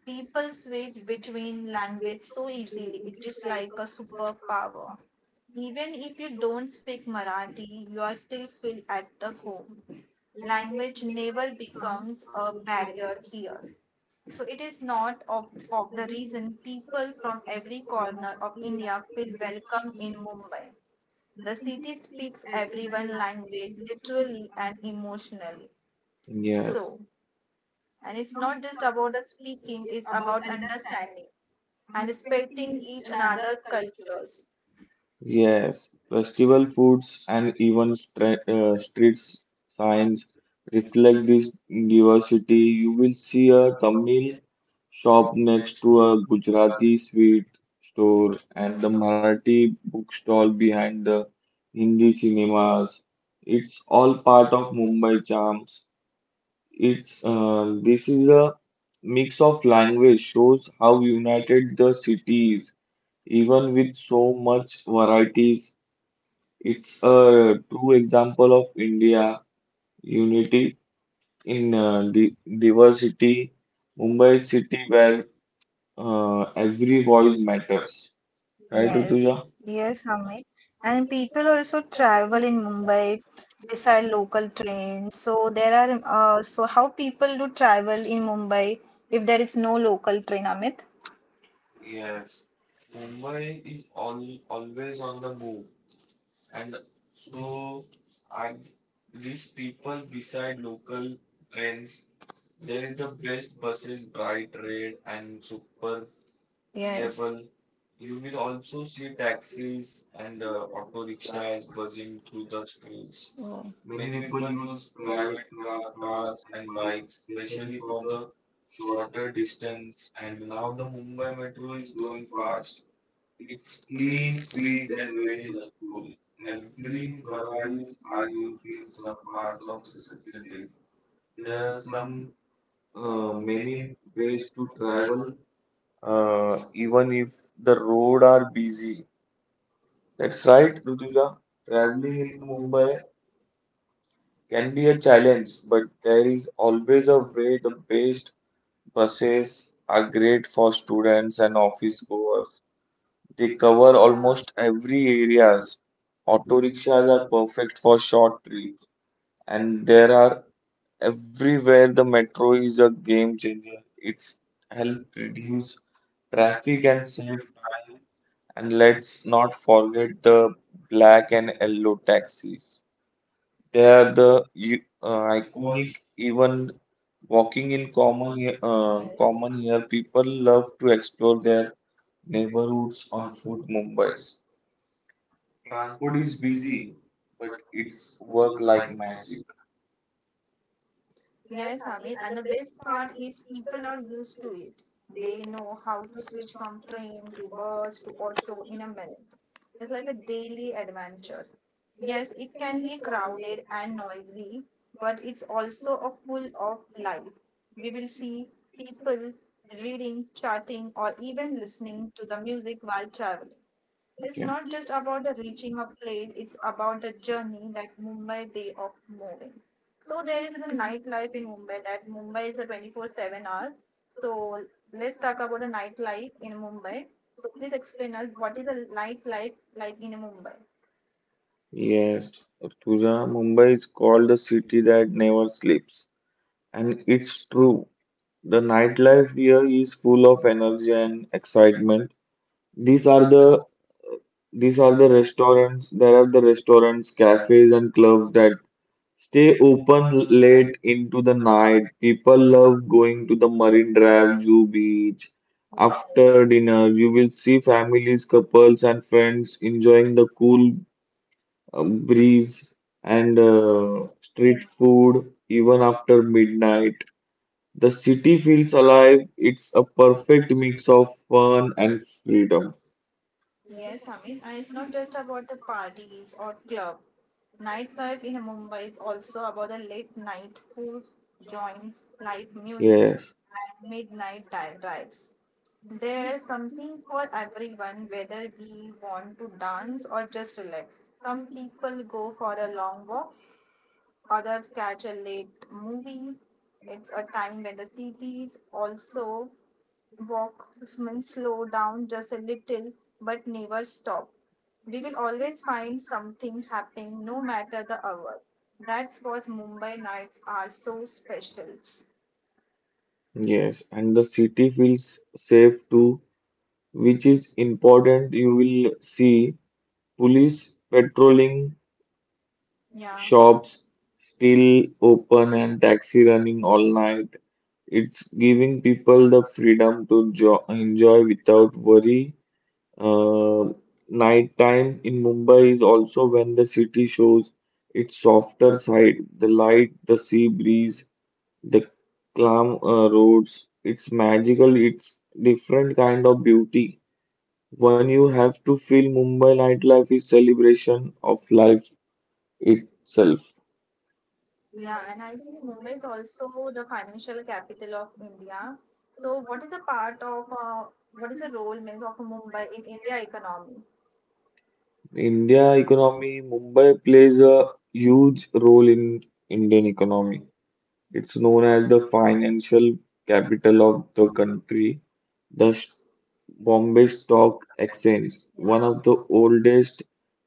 Speaker 1: People switch between language so easily. It is like a superpower. Even if you don't speak Marathi, you are still feel at the home. Language never becomes a barrier here. So it is not of, of the reason people from every corner of India feel welcome in Mumbai. The city speaks everyone language literally and emotionally. Yeah.
Speaker 2: Yeah.
Speaker 1: So, and it's not just about the speaking, it's about understanding and respecting each another cultures.
Speaker 2: Yes,
Speaker 1: Yes,
Speaker 2: festival foods and
Speaker 1: and
Speaker 2: even stre-
Speaker 1: uh,
Speaker 2: uh, streets signs reflect this diversity. You will see a
Speaker 1: Kartikeya
Speaker 2: Tamil shop next to
Speaker 1: grew up
Speaker 2: a
Speaker 1: with
Speaker 2: Gujarati sweet store and the
Speaker 1: and the
Speaker 2: Marathi
Speaker 1: Marathi
Speaker 2: bookstall
Speaker 1: work behind
Speaker 2: behind the
Speaker 1: the
Speaker 2: Hindi
Speaker 1: Hindi cinemas,
Speaker 2: cinemas. It's all
Speaker 1: all
Speaker 2: part
Speaker 1: part
Speaker 2: of
Speaker 1: of movie.
Speaker 2: Mumbai charms. It's
Speaker 1: It's
Speaker 2: uh,
Speaker 1: a
Speaker 2: This is a mix
Speaker 1: piece
Speaker 2: of
Speaker 1: of land,
Speaker 2: language shows how
Speaker 1: how united,
Speaker 2: united the city is, even
Speaker 1: even with
Speaker 2: with
Speaker 1: so
Speaker 2: so much
Speaker 1: much variety.
Speaker 2: varieties. It's
Speaker 1: It's a
Speaker 2: a true example of
Speaker 1: yeah,
Speaker 2: India
Speaker 1: unity
Speaker 2: unity in
Speaker 1: in uh,
Speaker 2: uh, di
Speaker 1: diversity.
Speaker 2: diversity, Mumbai
Speaker 1: Mumbai is
Speaker 2: is city
Speaker 1: city where
Speaker 2: where uh,
Speaker 1: uh,
Speaker 2: every
Speaker 1: every
Speaker 2: voice
Speaker 1: voice matters.
Speaker 2: matters. Right,
Speaker 1: Yes, yeah,
Speaker 2: Rutuja?
Speaker 1: yes, Amit. And people also travel in Mumbai beside local trains. So there are uh, so how people do travel in Mumbai if there is no local train, Amit? Yes, Mumbai is all always on the move, and so are these people beside local trains. There is the best buses, bright red and super yeah, yes, well, you will also see taxis and uh, auto rickshaws buzzing through the streets. Oh.
Speaker 2: Many
Speaker 1: Many
Speaker 2: people
Speaker 1: people
Speaker 2: use
Speaker 1: use
Speaker 2: private
Speaker 1: private
Speaker 2: car-
Speaker 1: car,
Speaker 2: cars
Speaker 1: cars
Speaker 2: and
Speaker 1: and
Speaker 2: bikes,
Speaker 1: bikes,
Speaker 2: especially
Speaker 1: especially
Speaker 2: for
Speaker 1: for
Speaker 2: the
Speaker 1: the
Speaker 2: shorter
Speaker 1: shorter
Speaker 2: distance.
Speaker 1: distance.
Speaker 2: And
Speaker 1: And
Speaker 2: now
Speaker 1: now
Speaker 2: the
Speaker 1: the
Speaker 2: Mumbai
Speaker 1: Mumbai
Speaker 2: metro
Speaker 1: Metro
Speaker 2: is
Speaker 1: is
Speaker 2: growing
Speaker 1: going
Speaker 2: fast.
Speaker 1: fast.
Speaker 2: It's
Speaker 1: It's clean,
Speaker 2: clean,
Speaker 1: quick,
Speaker 2: quick, and
Speaker 1: and
Speaker 2: very
Speaker 1: very
Speaker 2: helpful.
Speaker 1: helpful.
Speaker 2: Every
Speaker 1: Every
Speaker 2: salaries
Speaker 1: Ferraris
Speaker 2: are
Speaker 1: are
Speaker 2: used
Speaker 1: used
Speaker 2: in
Speaker 1: in
Speaker 2: some
Speaker 1: some
Speaker 2: parts of
Speaker 1: parts of
Speaker 2: cities.
Speaker 1: cities.
Speaker 2: There are
Speaker 1: There are
Speaker 2: some
Speaker 1: some
Speaker 2: uh,
Speaker 1: uh,
Speaker 2: many
Speaker 1: many
Speaker 2: ways
Speaker 1: ways
Speaker 2: to
Speaker 1: to
Speaker 2: travel,
Speaker 1: travel.
Speaker 2: uh,
Speaker 1: Uh,
Speaker 2: even
Speaker 1: even
Speaker 2: if the road
Speaker 1: road
Speaker 2: are
Speaker 1: are
Speaker 2: busy. That's
Speaker 1: that's
Speaker 2: right,
Speaker 1: right.
Speaker 2: Rutuja. Traveling
Speaker 1: Traveling
Speaker 2: in
Speaker 1: in Mumbai
Speaker 2: Mumbai can
Speaker 1: can
Speaker 2: be
Speaker 1: be
Speaker 2: a
Speaker 1: a
Speaker 2: challenge,
Speaker 1: challenge,
Speaker 2: but
Speaker 1: but
Speaker 2: there is always
Speaker 1: Mumbai
Speaker 2: a way. The best buses are
Speaker 1: are good
Speaker 2: great for students and
Speaker 1: and
Speaker 2: office
Speaker 1: office work.
Speaker 2: goers. They
Speaker 1: They
Speaker 2: cover
Speaker 1: cover almost
Speaker 2: almost every
Speaker 1: yeah,
Speaker 2: areas. Auto
Speaker 1: six
Speaker 2: rickshaws
Speaker 1: hours
Speaker 2: are
Speaker 1: of
Speaker 2: perfect for short
Speaker 1: traffic,
Speaker 2: trips, and
Speaker 1: and
Speaker 2: there
Speaker 1: there
Speaker 2: are
Speaker 1: are three
Speaker 2: everywhere.
Speaker 1: where
Speaker 2: The
Speaker 1: the
Speaker 2: metro is a game changer. It's
Speaker 1: help
Speaker 2: helped
Speaker 1: reduce
Speaker 2: reduce traffic
Speaker 1: traffic
Speaker 2: and
Speaker 1: and
Speaker 2: save
Speaker 1: save
Speaker 2: time.
Speaker 1: time.
Speaker 2: And
Speaker 1: And
Speaker 2: let's
Speaker 1: let's
Speaker 2: not
Speaker 1: not
Speaker 2: forget
Speaker 1: forget,
Speaker 2: the black and yellow taxis. They
Speaker 1: they
Speaker 2: are
Speaker 1: are the
Speaker 2: the u-
Speaker 1: uh,
Speaker 2: uh,
Speaker 1: iconic,
Speaker 2: iconic. Even
Speaker 1: even
Speaker 2: walking
Speaker 1: walking
Speaker 2: in
Speaker 1: in
Speaker 2: common
Speaker 1: common uh,
Speaker 2: here, uh,
Speaker 1: yes.
Speaker 2: common
Speaker 1: Common
Speaker 2: here,
Speaker 1: here
Speaker 2: people
Speaker 1: people
Speaker 2: love
Speaker 1: love
Speaker 2: to explore their
Speaker 1: their
Speaker 2: neighborhoods
Speaker 1: clothes
Speaker 2: on
Speaker 1: on food
Speaker 2: foot
Speaker 1: and bus.
Speaker 2: Mumbai's. Transport
Speaker 1: Transport
Speaker 2: is
Speaker 1: is busy,
Speaker 2: busy, but
Speaker 1: but
Speaker 2: it's
Speaker 1: it's
Speaker 2: work
Speaker 1: work
Speaker 2: like
Speaker 1: like
Speaker 2: magic.
Speaker 1: magic. Yes, Hamid. And the best part is people are used to it. They know how to switch from train to bus to auto in a minute. It's like a daily adventure. Yes, it can be crowded and noisy, but it's also a full of life. We will see people reading, chatting, or even listening to the music while traveling. It's
Speaker 2: Okay.
Speaker 1: not just about the reaching of place, it's about the journey that Mumbai way of moving. So there is a nightlife in Mumbai, that Mumbai is a twenty-four seven hours. So let's talk about the nightlife in Mumbai. So please explain us what is a nightlife like in Mumbai.
Speaker 2: Yes,
Speaker 1: Yes,
Speaker 2: Tuja, Mumbai is called the city that never sleeps, and it's true. The
Speaker 1: the night,
Speaker 2: nightlife here is full of energy and excitement. These
Speaker 1: these
Speaker 2: are
Speaker 1: are the
Speaker 2: the these
Speaker 1: these
Speaker 2: are
Speaker 1: are
Speaker 2: the
Speaker 1: the
Speaker 2: restaurants. There are the restaurants, cafes,
Speaker 1: cafes
Speaker 2: and clubs that stay open l-
Speaker 1: open late in the
Speaker 2: late into the night.
Speaker 1: night.
Speaker 2: People
Speaker 1: People are going to
Speaker 2: love going to the
Speaker 1: the
Speaker 2: Marine Drive,
Speaker 1: polygram
Speaker 2: Zoo Beach. After
Speaker 1: after dinner.
Speaker 2: dinner,
Speaker 1: You
Speaker 2: you
Speaker 1: can
Speaker 2: will see
Speaker 1: see time it's
Speaker 2: families,
Speaker 1: the
Speaker 2: couples,
Speaker 1: person
Speaker 2: and
Speaker 1: where is
Speaker 2: friends enjoying
Speaker 1: enjoying
Speaker 2: the
Speaker 1: the food
Speaker 2: cool uh, breeze
Speaker 1: breeze
Speaker 2: and
Speaker 1: and
Speaker 2: uh,
Speaker 1: um,
Speaker 2: street
Speaker 1: food
Speaker 2: food even
Speaker 1: even
Speaker 2: after
Speaker 1: after
Speaker 2: midnight.
Speaker 1: midnight.
Speaker 2: The
Speaker 1: The
Speaker 2: city
Speaker 1: city
Speaker 2: feels
Speaker 1: feels
Speaker 2: alive.
Speaker 1: alive.
Speaker 2: It's
Speaker 1: It's
Speaker 2: a
Speaker 1: a
Speaker 2: perfect
Speaker 1: perfect
Speaker 2: mix
Speaker 1: mix
Speaker 2: of
Speaker 1: of fun
Speaker 2: fun and
Speaker 1: and
Speaker 2: freedom.
Speaker 1: freedom. Yes, Amit, and it's not just about the parties or club. Nightlife in Mumbai is also about the late night food joints, live music, yes,
Speaker 2: Yes,
Speaker 1: and midnight di- drives. There's something for everyone, whether we want to dance or just relax. Some people go for a long walks, others catch a late movie. It's a time when the city is also Walkmen slow down just a little but never stop. We will always find something happening no matter the hour. That's what Mumbai nights are so special.
Speaker 2: yes, and the city feels safe
Speaker 1: Safe to
Speaker 2: too, which is important. You will see police patrolling,
Speaker 1: yeah,
Speaker 2: shops
Speaker 1: strongly
Speaker 2: still open,
Speaker 1: one and
Speaker 2: and taxi running all night. It's giving people the freedom to jo enjoy without worry. Uh,
Speaker 1: uh,
Speaker 2: Night time
Speaker 1: kind
Speaker 2: in Mumbai is also when the city shows its softer
Speaker 1: after
Speaker 2: side, the light, the sea breeze, the calm uh, roads. It's magical, it's different
Speaker 1: certain
Speaker 2: kind
Speaker 1: kind
Speaker 2: of
Speaker 1: of
Speaker 2: beauty. One
Speaker 1: one
Speaker 2: you
Speaker 1: you
Speaker 2: have
Speaker 1: have.
Speaker 2: to feel Mumbai nightlife is celebration of life itself.
Speaker 1: Yeah, and I think Mumbai is also the financial capital of India. So, what is a part of uh, what is the role means of Mumbai in India economy?
Speaker 2: India
Speaker 1: India economic
Speaker 2: economy, Mumbai plays a huge role in Indian economy.
Speaker 1: economy,
Speaker 2: It's known as the financial capital of the country. The S- Bombay Stock Exchange,
Speaker 1: one
Speaker 2: one of the
Speaker 1: of
Speaker 2: oldest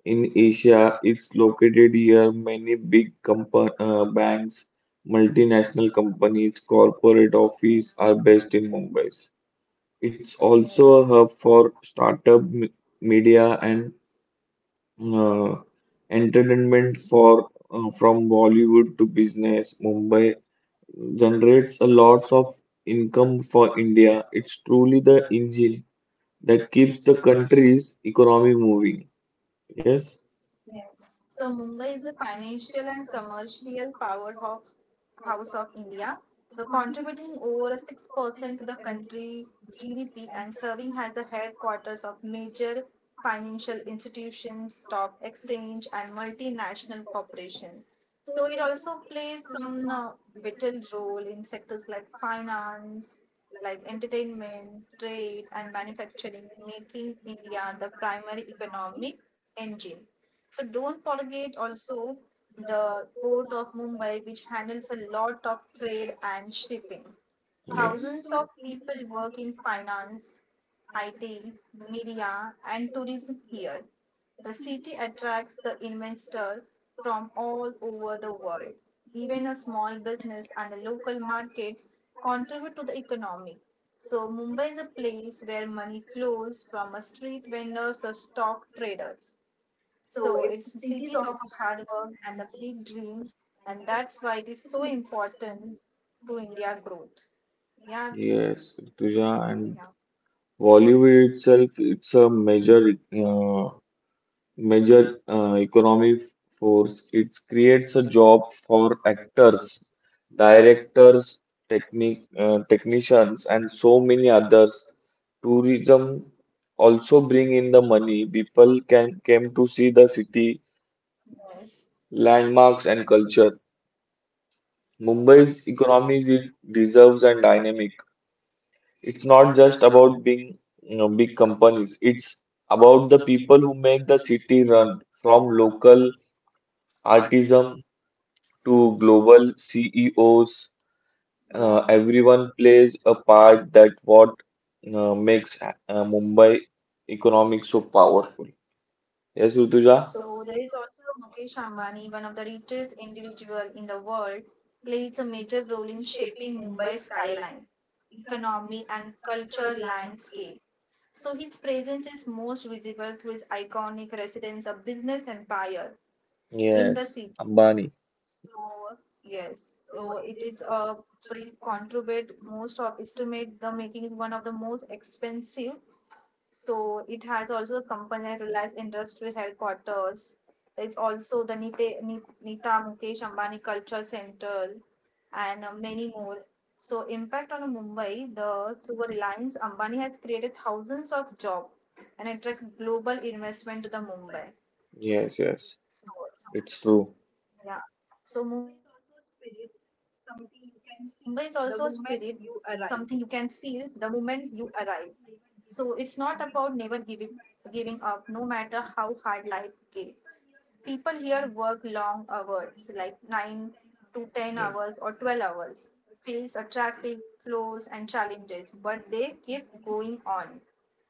Speaker 2: in Asia,
Speaker 1: Asia,
Speaker 2: is located here. Many big compa- uh,
Speaker 1: uh, back
Speaker 2: banks, multinational companies, corporate office are based in Mumbai. It's
Speaker 1: its own
Speaker 2: also a hub for startup m-
Speaker 1: area
Speaker 2: media and
Speaker 1: and
Speaker 2: uh,
Speaker 1: uh, and
Speaker 2: entertainment for uh, from Bollywood to business. Mumbai
Speaker 1: Mumbai
Speaker 2: generates a
Speaker 1: generates a lot
Speaker 2: lots of
Speaker 1: of
Speaker 2: income
Speaker 1: income
Speaker 2: for
Speaker 1: for India.
Speaker 2: India. It's truly the
Speaker 1: Engineer
Speaker 2: engine that keeps the country's economy moving. Yes?
Speaker 1: yes. So Mumbai is a financial and commercial powerhouse house of India. So contributing over six percent to the country G D P and serving as the headquarters of major financial institutions, stock exchange and multinational corporation. So it also plays some uh, vital role in sectors like finance, like entertainment, trade and manufacturing, making India the primary economic engine. So don't forget also the port of Mumbai, which handles a lot of trade and shipping.
Speaker 2: Yeah.
Speaker 1: Thousands of people work in finance, I T, media, and tourism here. The city attracts the investor from all over the world. Even a small business and the local markets contribute to the economy. So Mumbai is a place where money flows from a street vendors to stock traders. So it's the cities of hard work and a big dream, and that's why it is so important to India growth. Yeah,
Speaker 2: Yes, Rituja, and
Speaker 1: yeah,
Speaker 2: Bollywood itself, it's a major uh, major uh, economy force. It creates a job for
Speaker 1: yes.
Speaker 2: actors,
Speaker 1: Direct
Speaker 2: directors, technic uh, technicians, and so many others. Tourism also
Speaker 1: to
Speaker 2: bring
Speaker 1: bring
Speaker 2: in
Speaker 1: in
Speaker 2: the money. People can came to see the city,
Speaker 1: yes,
Speaker 2: landmarks,
Speaker 1: landmarks
Speaker 2: and
Speaker 1: and
Speaker 2: culture.
Speaker 1: culture.
Speaker 2: Mumbai's
Speaker 1: Mumbai's
Speaker 2: economy
Speaker 1: economic
Speaker 2: is deserves
Speaker 1: reserves
Speaker 2: and
Speaker 1: and dynamic.
Speaker 2: dynamic. It's
Speaker 1: It's
Speaker 2: not
Speaker 1: not
Speaker 2: just
Speaker 1: just about
Speaker 2: about being you know, big companies. It's about the
Speaker 1: about
Speaker 2: people who make the city
Speaker 1: the uh,
Speaker 2: run, from local
Speaker 1: art
Speaker 2: artisans to
Speaker 1: to global
Speaker 2: global C E Os,
Speaker 1: uh,
Speaker 2: uh,
Speaker 1: yeah, and
Speaker 2: everyone plays a part
Speaker 1: art,
Speaker 2: that what uh,
Speaker 1: uh,
Speaker 2: makes
Speaker 1: makes
Speaker 2: uh,
Speaker 1: um,
Speaker 2: Mumbai economic so
Speaker 1: power.
Speaker 2: powerful. Yes, Rutuja?
Speaker 1: So there is also Mukesh Ambani, one of the richest individual in the world, plays a major role in shaping Mumbai's skyline, economy and culture landscape. So his presence is most visible through his iconic residence, a business empire, yeah, in the
Speaker 2: Yes,
Speaker 1: city.
Speaker 2: Ambani.
Speaker 1: So yes, so it is a so he contribute most of estimate the making is one of the most expensive, so it has also accompanied Reliance Industrial Headquarters. It's also the Nite, Ni- Nita Mukesh Ambani Culture Center and uh, many more. So impact on Mumbai, the through Reliance Ambani has created thousands of jobs and attract global investment to the Mumbai.
Speaker 2: Yes, yes,
Speaker 1: So
Speaker 2: it's
Speaker 1: it's
Speaker 2: true.
Speaker 1: true. Yeah. So Mumbai is also a spirit, something you can feel the moment you arrive. So it's not about never giving giving up, no matter how hard life gets. People here work long hours, like nine to ten hours or
Speaker 2: Yes.
Speaker 1: twelve hours, face a traffic flows and challenges, but they keep going on.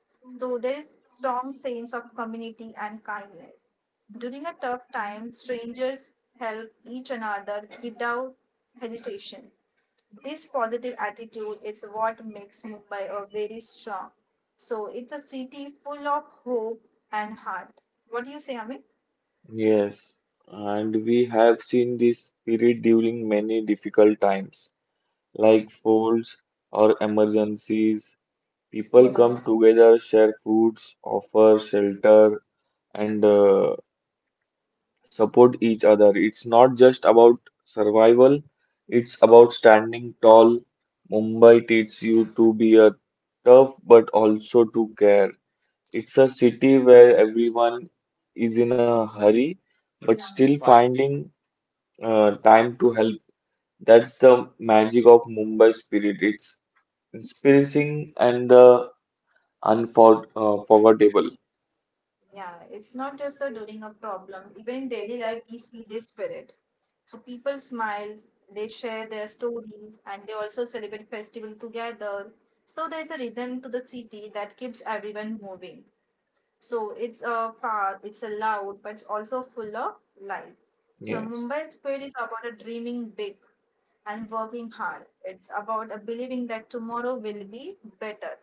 Speaker 1: So there is strong sense of community and kindness. During a tough time, strangers help each another without hesitation. This positive attitude is what makes Mumbai a very strong. So it's a city full of hope and heart. What do you say, Amit?
Speaker 2: Yes,
Speaker 1: Yes,
Speaker 2: and we
Speaker 1: we have
Speaker 2: have seen this spirit during
Speaker 1: many
Speaker 2: many difficult times, like
Speaker 1: like food
Speaker 2: folds or
Speaker 1: or emergency
Speaker 2: emergencies.
Speaker 1: people
Speaker 2: People
Speaker 1: yeah,
Speaker 2: come
Speaker 1: come
Speaker 2: together, share foods, offer shelter, and
Speaker 1: and uh,
Speaker 2: uh, support
Speaker 1: support
Speaker 2: each other. It's not just about survival, it's about
Speaker 1: that
Speaker 2: standing tall.
Speaker 1: all
Speaker 2: Mumbai
Speaker 1: Mumbai
Speaker 2: teaches
Speaker 1: teaches
Speaker 2: you
Speaker 1: you
Speaker 2: to be a tough
Speaker 1: love
Speaker 2: but
Speaker 1: all
Speaker 2: also to care. It's a city
Speaker 1: city
Speaker 2: where
Speaker 1: where
Speaker 2: everyone is in a hurry, but still
Speaker 1: finding
Speaker 2: finding uh,
Speaker 1: uh,
Speaker 2: time
Speaker 1: time.
Speaker 2: to help. That's
Speaker 1: That's
Speaker 2: the
Speaker 1: the
Speaker 2: magic
Speaker 1: magic
Speaker 2: of
Speaker 1: of
Speaker 2: Mumbai
Speaker 1: Mumbai
Speaker 2: spirit.
Speaker 1: spirit. It's
Speaker 2: It's inspiring
Speaker 1: experiencing and
Speaker 2: and the
Speaker 1: uh,
Speaker 2: unfor uh,
Speaker 1: unforgettable.
Speaker 2: forgettable.
Speaker 1: Yeah, it's not just a during a problem. Even in daily life, we see this spirit. So people smile, they share their stories, and they also celebrate festival together. So there's a rhythm to the city that keeps everyone moving. So it's a far, it's a loud, but it's also full of life. So
Speaker 2: Yes.
Speaker 1: Mumbai Spirit is about a dreaming big and working hard. It's about a believing that tomorrow will be better.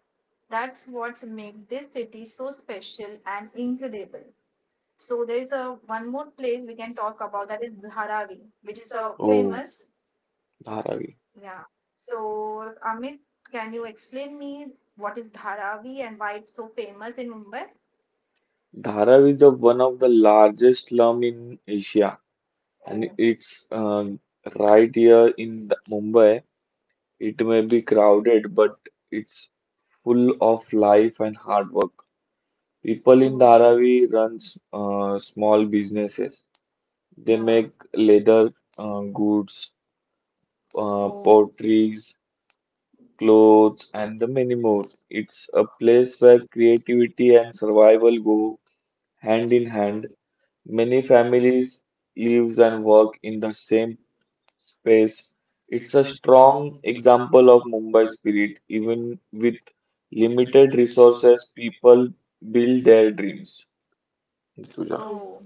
Speaker 1: That's what makes this city so special and incredible. So there is a one more place we can talk about, that is Dharavi, which is a
Speaker 2: Oh,
Speaker 1: famous
Speaker 2: Dharavi.
Speaker 1: yeah. So Amit, can you explain me what is Dharavi and why it's so famous in Mumbai?
Speaker 2: Dharavi is the one of the
Speaker 1: Large
Speaker 2: largest slum in Asia, and it's uh,
Speaker 1: uh, right
Speaker 2: right here in
Speaker 1: in
Speaker 2: the Mumbai. It may be
Speaker 1: the crowd,
Speaker 2: crowded, but it's full
Speaker 1: full of
Speaker 2: of
Speaker 1: life.
Speaker 2: life and hard work. People
Speaker 1: People
Speaker 2: in
Speaker 1: in Dhara,
Speaker 2: Dharavi run s-
Speaker 1: uh,
Speaker 2: uh, small
Speaker 1: small
Speaker 2: businesses. They make
Speaker 1: lake,
Speaker 2: leather
Speaker 1: uh,
Speaker 2: uh, goods,
Speaker 1: uh,
Speaker 2: uh,
Speaker 1: poultry,
Speaker 2: potteries, clothes,
Speaker 1: clothes, and
Speaker 2: and the many more.
Speaker 1: animals
Speaker 2: It's a place where creativity and
Speaker 1: survive
Speaker 2: survival go
Speaker 1: too,
Speaker 2: hand
Speaker 1: hand
Speaker 2: in
Speaker 1: in
Speaker 2: hand.
Speaker 1: hand.
Speaker 2: Many
Speaker 1: Many families
Speaker 2: families live
Speaker 1: live
Speaker 2: and
Speaker 1: and work
Speaker 2: work in
Speaker 1: in
Speaker 2: the
Speaker 1: the
Speaker 2: same
Speaker 1: same
Speaker 2: space.
Speaker 1: space.
Speaker 2: It's
Speaker 1: It's
Speaker 2: a
Speaker 1: a
Speaker 2: strong
Speaker 1: strong
Speaker 2: example of Mumbai spirit. Even with limited resources, people build their
Speaker 1: country.
Speaker 2: dreams. Rituja.
Speaker 1: Oh,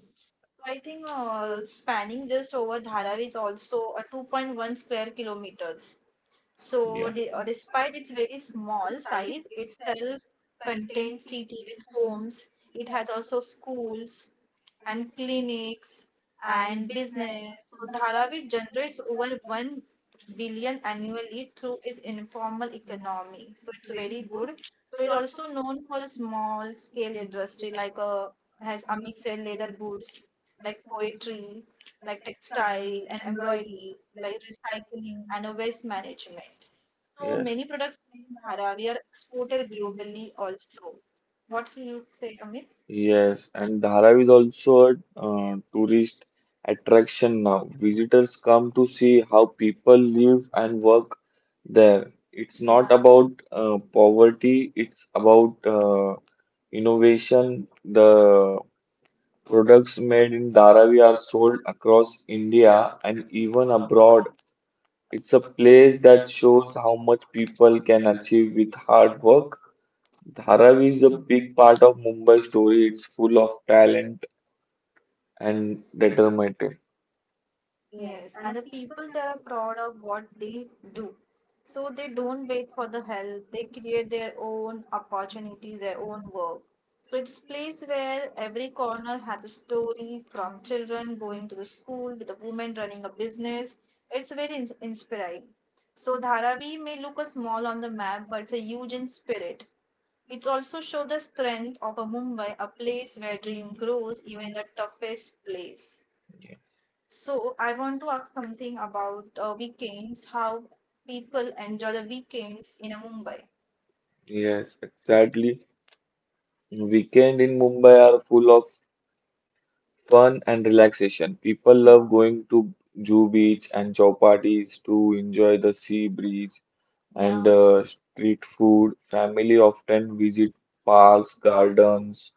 Speaker 1: I think uh, spanning just over Dharavi is also a two point one square kilometers. So,
Speaker 2: Yeah.
Speaker 1: de- uh, despite its very small size, itself contains city with homes. It has also schools, and clinics and business. So Dharavi generates over one billion annually through its informal economy. So it's very good. So it's also known for the small scale industry like uh, has Amit said leather goods, like poetry, like textile and embroidery, like recycling and a waste management. So
Speaker 2: Yes.
Speaker 1: many products in Dharavi are exported globally also. What can you say, Amit? Yeah,
Speaker 2: Yes, and Dharavi is also a uh, tourist attraction now. Visitors come to see how people live and
Speaker 1: and what
Speaker 2: work there. It's not about
Speaker 1: about
Speaker 2: uh, poverty,
Speaker 1: beauty,
Speaker 2: it's
Speaker 1: it's
Speaker 2: about
Speaker 1: about uh,
Speaker 2: uh,
Speaker 1: innovation,
Speaker 2: innovation.
Speaker 1: the
Speaker 2: The
Speaker 1: product
Speaker 2: products made in Dharavi
Speaker 1: Dharavi,
Speaker 2: are sold across India
Speaker 1: India,
Speaker 2: and even
Speaker 1: even abroad.
Speaker 2: abroad. It's
Speaker 1: It's
Speaker 2: a
Speaker 1: a
Speaker 2: place
Speaker 1: place
Speaker 2: that
Speaker 1: that
Speaker 2: shows how much people can achieve with hard work. Dharavi
Speaker 1: Dharavi
Speaker 2: is a
Speaker 1: is a
Speaker 2: big part of Mumbai's story. It's full of talent and
Speaker 1: and determined.
Speaker 2: determined.
Speaker 1: Yes, and the people that are proud of what they do. So they don't wait for the help, they create their own opportunities, their own work. So it's a place where every corner has a story, from children going to the school to the woman running a business. It's very ins inspiring. So Dharavi may look a small on the map, but it's a huge in spirit. It's also show the strength of a Mumbai, a place where dream grows even in the toughest place. So I want to ask something about uh, weekends, how people enjoy the weekends in uh, Mumbai.
Speaker 2: Yes,
Speaker 1: Yes,
Speaker 2: exactly.
Speaker 1: exactly. We
Speaker 2: Weekend in
Speaker 1: in
Speaker 2: Mumbai
Speaker 1: Mumbai
Speaker 2: are
Speaker 1: are
Speaker 2: full of fun
Speaker 1: fun
Speaker 2: and
Speaker 1: and relaxed.
Speaker 2: relaxation. People love going to Jew Beach and Chowpatis to enjoy the sea breeze
Speaker 1: Yeah.
Speaker 2: and
Speaker 1: and Yeah.
Speaker 2: uh,
Speaker 1: uh,
Speaker 2: street
Speaker 1: food
Speaker 2: food.
Speaker 1: and
Speaker 2: Family often visit
Speaker 1: parks,
Speaker 2: parks,
Speaker 1: garden,
Speaker 2: gardens,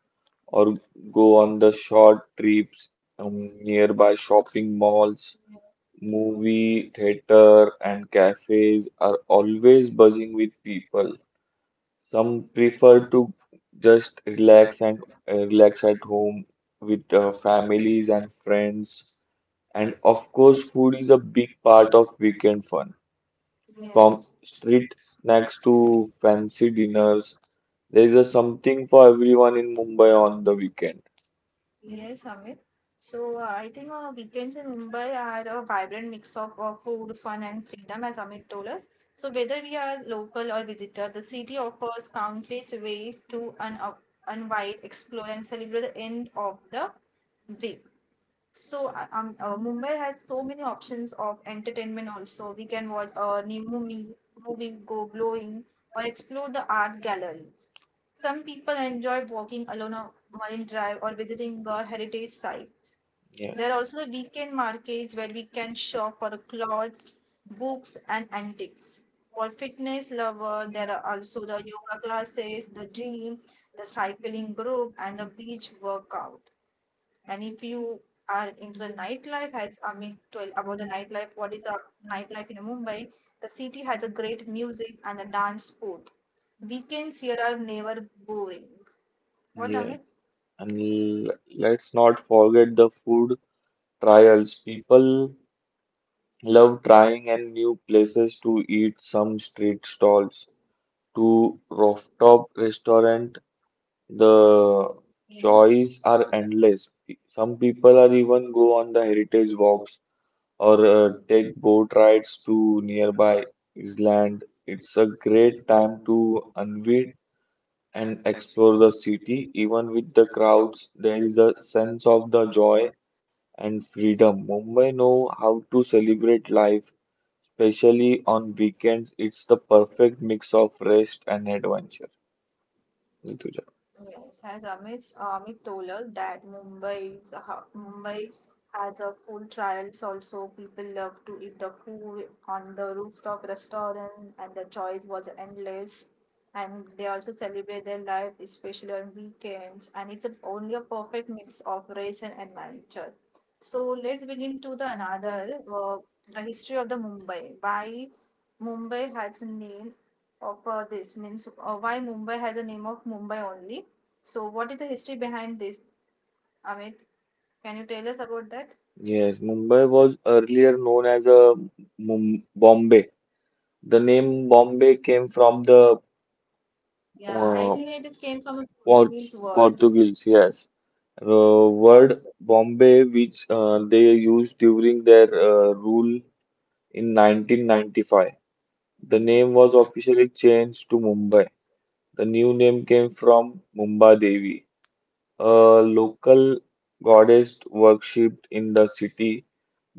Speaker 2: or go
Speaker 1: go
Speaker 2: on
Speaker 1: on,
Speaker 2: the short trips um,
Speaker 1: mm,
Speaker 2: nearby shopping malls.
Speaker 1: yes,
Speaker 2: Movie,
Speaker 1: movie, it
Speaker 2: theater, and cafes are always buzzing
Speaker 1: buzzing,
Speaker 2: with people. Some prefer to just relax
Speaker 1: relax
Speaker 2: and uh, relax at home with uh,
Speaker 1: the family.
Speaker 2: families and friends. And of
Speaker 1: Of
Speaker 2: course,
Speaker 1: course,
Speaker 2: food is
Speaker 1: food
Speaker 2: a big
Speaker 1: is apart
Speaker 2: part of weekend fun.
Speaker 1: from, Yes.
Speaker 2: From
Speaker 1: from street
Speaker 2: street snacks
Speaker 1: snacks
Speaker 2: to fancy dinners, there is a something for everyone in Mumbai on
Speaker 1: on.
Speaker 2: the weekend.
Speaker 1: Yes, Amit. So uh, I think uh, weekends in Mumbai are a vibrant mix of uh, food, fun, and freedom, as Amit told us. So whether we are local or visitor, the city offers countless ways to un unwind, explore, and celebrate the end of the week. So uh, um, uh, Mumbai has so many options of entertainment also. We can watch a new movie, movie, go glowing, or explore the art galleries. Some people enjoy walking along a marine drive or visiting the heritage sites. There are, yes, also the weekend markets where we can shop for clothes, books, and antiques. For fitness lover, there are also the yoga classes, the gym, the cycling group, and the beach workout. And if you are into the nightlife, as Amit told about the nightlife, what is a nightlife in Mumbai? The city has a great music and a dance sport. Weekends here are never boring. What
Speaker 2: Yeah,
Speaker 1: Amit?
Speaker 2: and l- let's not forget the food trials.
Speaker 1: Trials, people
Speaker 2: People love
Speaker 1: love trials.
Speaker 2: trying and new places to eat some street stalls to rooftop
Speaker 1: Rooftops
Speaker 2: restaurant. The choice are
Speaker 1: are endless.
Speaker 2: endless. Some people are even go on the heritage walks or uh, take
Speaker 1: Take
Speaker 2: boat rides to nearby
Speaker 1: nearby
Speaker 2: island. It's a great time
Speaker 1: time
Speaker 2: to unwind and
Speaker 1: and
Speaker 2: explore
Speaker 1: explore
Speaker 2: the
Speaker 1: the
Speaker 2: city.
Speaker 1: city,
Speaker 2: Even with the
Speaker 1: the crowds,
Speaker 2: crowds, there is a
Speaker 1: sun,
Speaker 2: sense of the
Speaker 1: joy,
Speaker 2: joy and
Speaker 1: and freedom.
Speaker 2: freedom.
Speaker 1: Mumbai
Speaker 2: Mumbai know how to celebrate life,
Speaker 1: is
Speaker 2: especially on weekends. It's
Speaker 1: the
Speaker 2: the
Speaker 1: perfect
Speaker 2: perfect
Speaker 1: mix
Speaker 2: mix
Speaker 1: of
Speaker 2: of
Speaker 1: rest
Speaker 2: rest and
Speaker 1: and adventure.
Speaker 2: adventure. Ritu.
Speaker 1: Yes, as Amit, uh, Amit told us that Mumbai's, ha- Mumbai has a food trials also. People love to eat the food on the rooftop restaurant and the choice was endless. And they also celebrate their life, especially on weekends. And it's a, only a perfect mix of race and adventure. So let's begin to the another, uh, the history of the Mumbai. Why Mumbai has name of uh, this means uh, why Mumbai has a name of Mumbai only. So what is the history behind this, Amit? Can you tell us about that? Yes,
Speaker 2: Yes, Mumbai
Speaker 1: Mumbai was named
Speaker 2: was earlier known
Speaker 1: for
Speaker 2: as a
Speaker 1: the, mm,
Speaker 2: Mum Bombay.
Speaker 1: Bombay.
Speaker 2: The
Speaker 1: The name
Speaker 2: name
Speaker 1: Bombay
Speaker 2: Bombay came
Speaker 1: came
Speaker 2: from
Speaker 1: from
Speaker 2: the
Speaker 1: the, yeah, uh, I uh,
Speaker 2: uh,
Speaker 1: think it just came from a uh,
Speaker 2: Por-
Speaker 1: Portuguese word.
Speaker 2: Portuguese, yes, uh, word Bombay, which uh, they used during their uh, rule in
Speaker 1: Time,
Speaker 2: nineteen ninety-five. The name was officially changed to Mumbai. The new name came from Mumba Devi, a
Speaker 1: uh, local.
Speaker 2: local goddess worshipped in the city.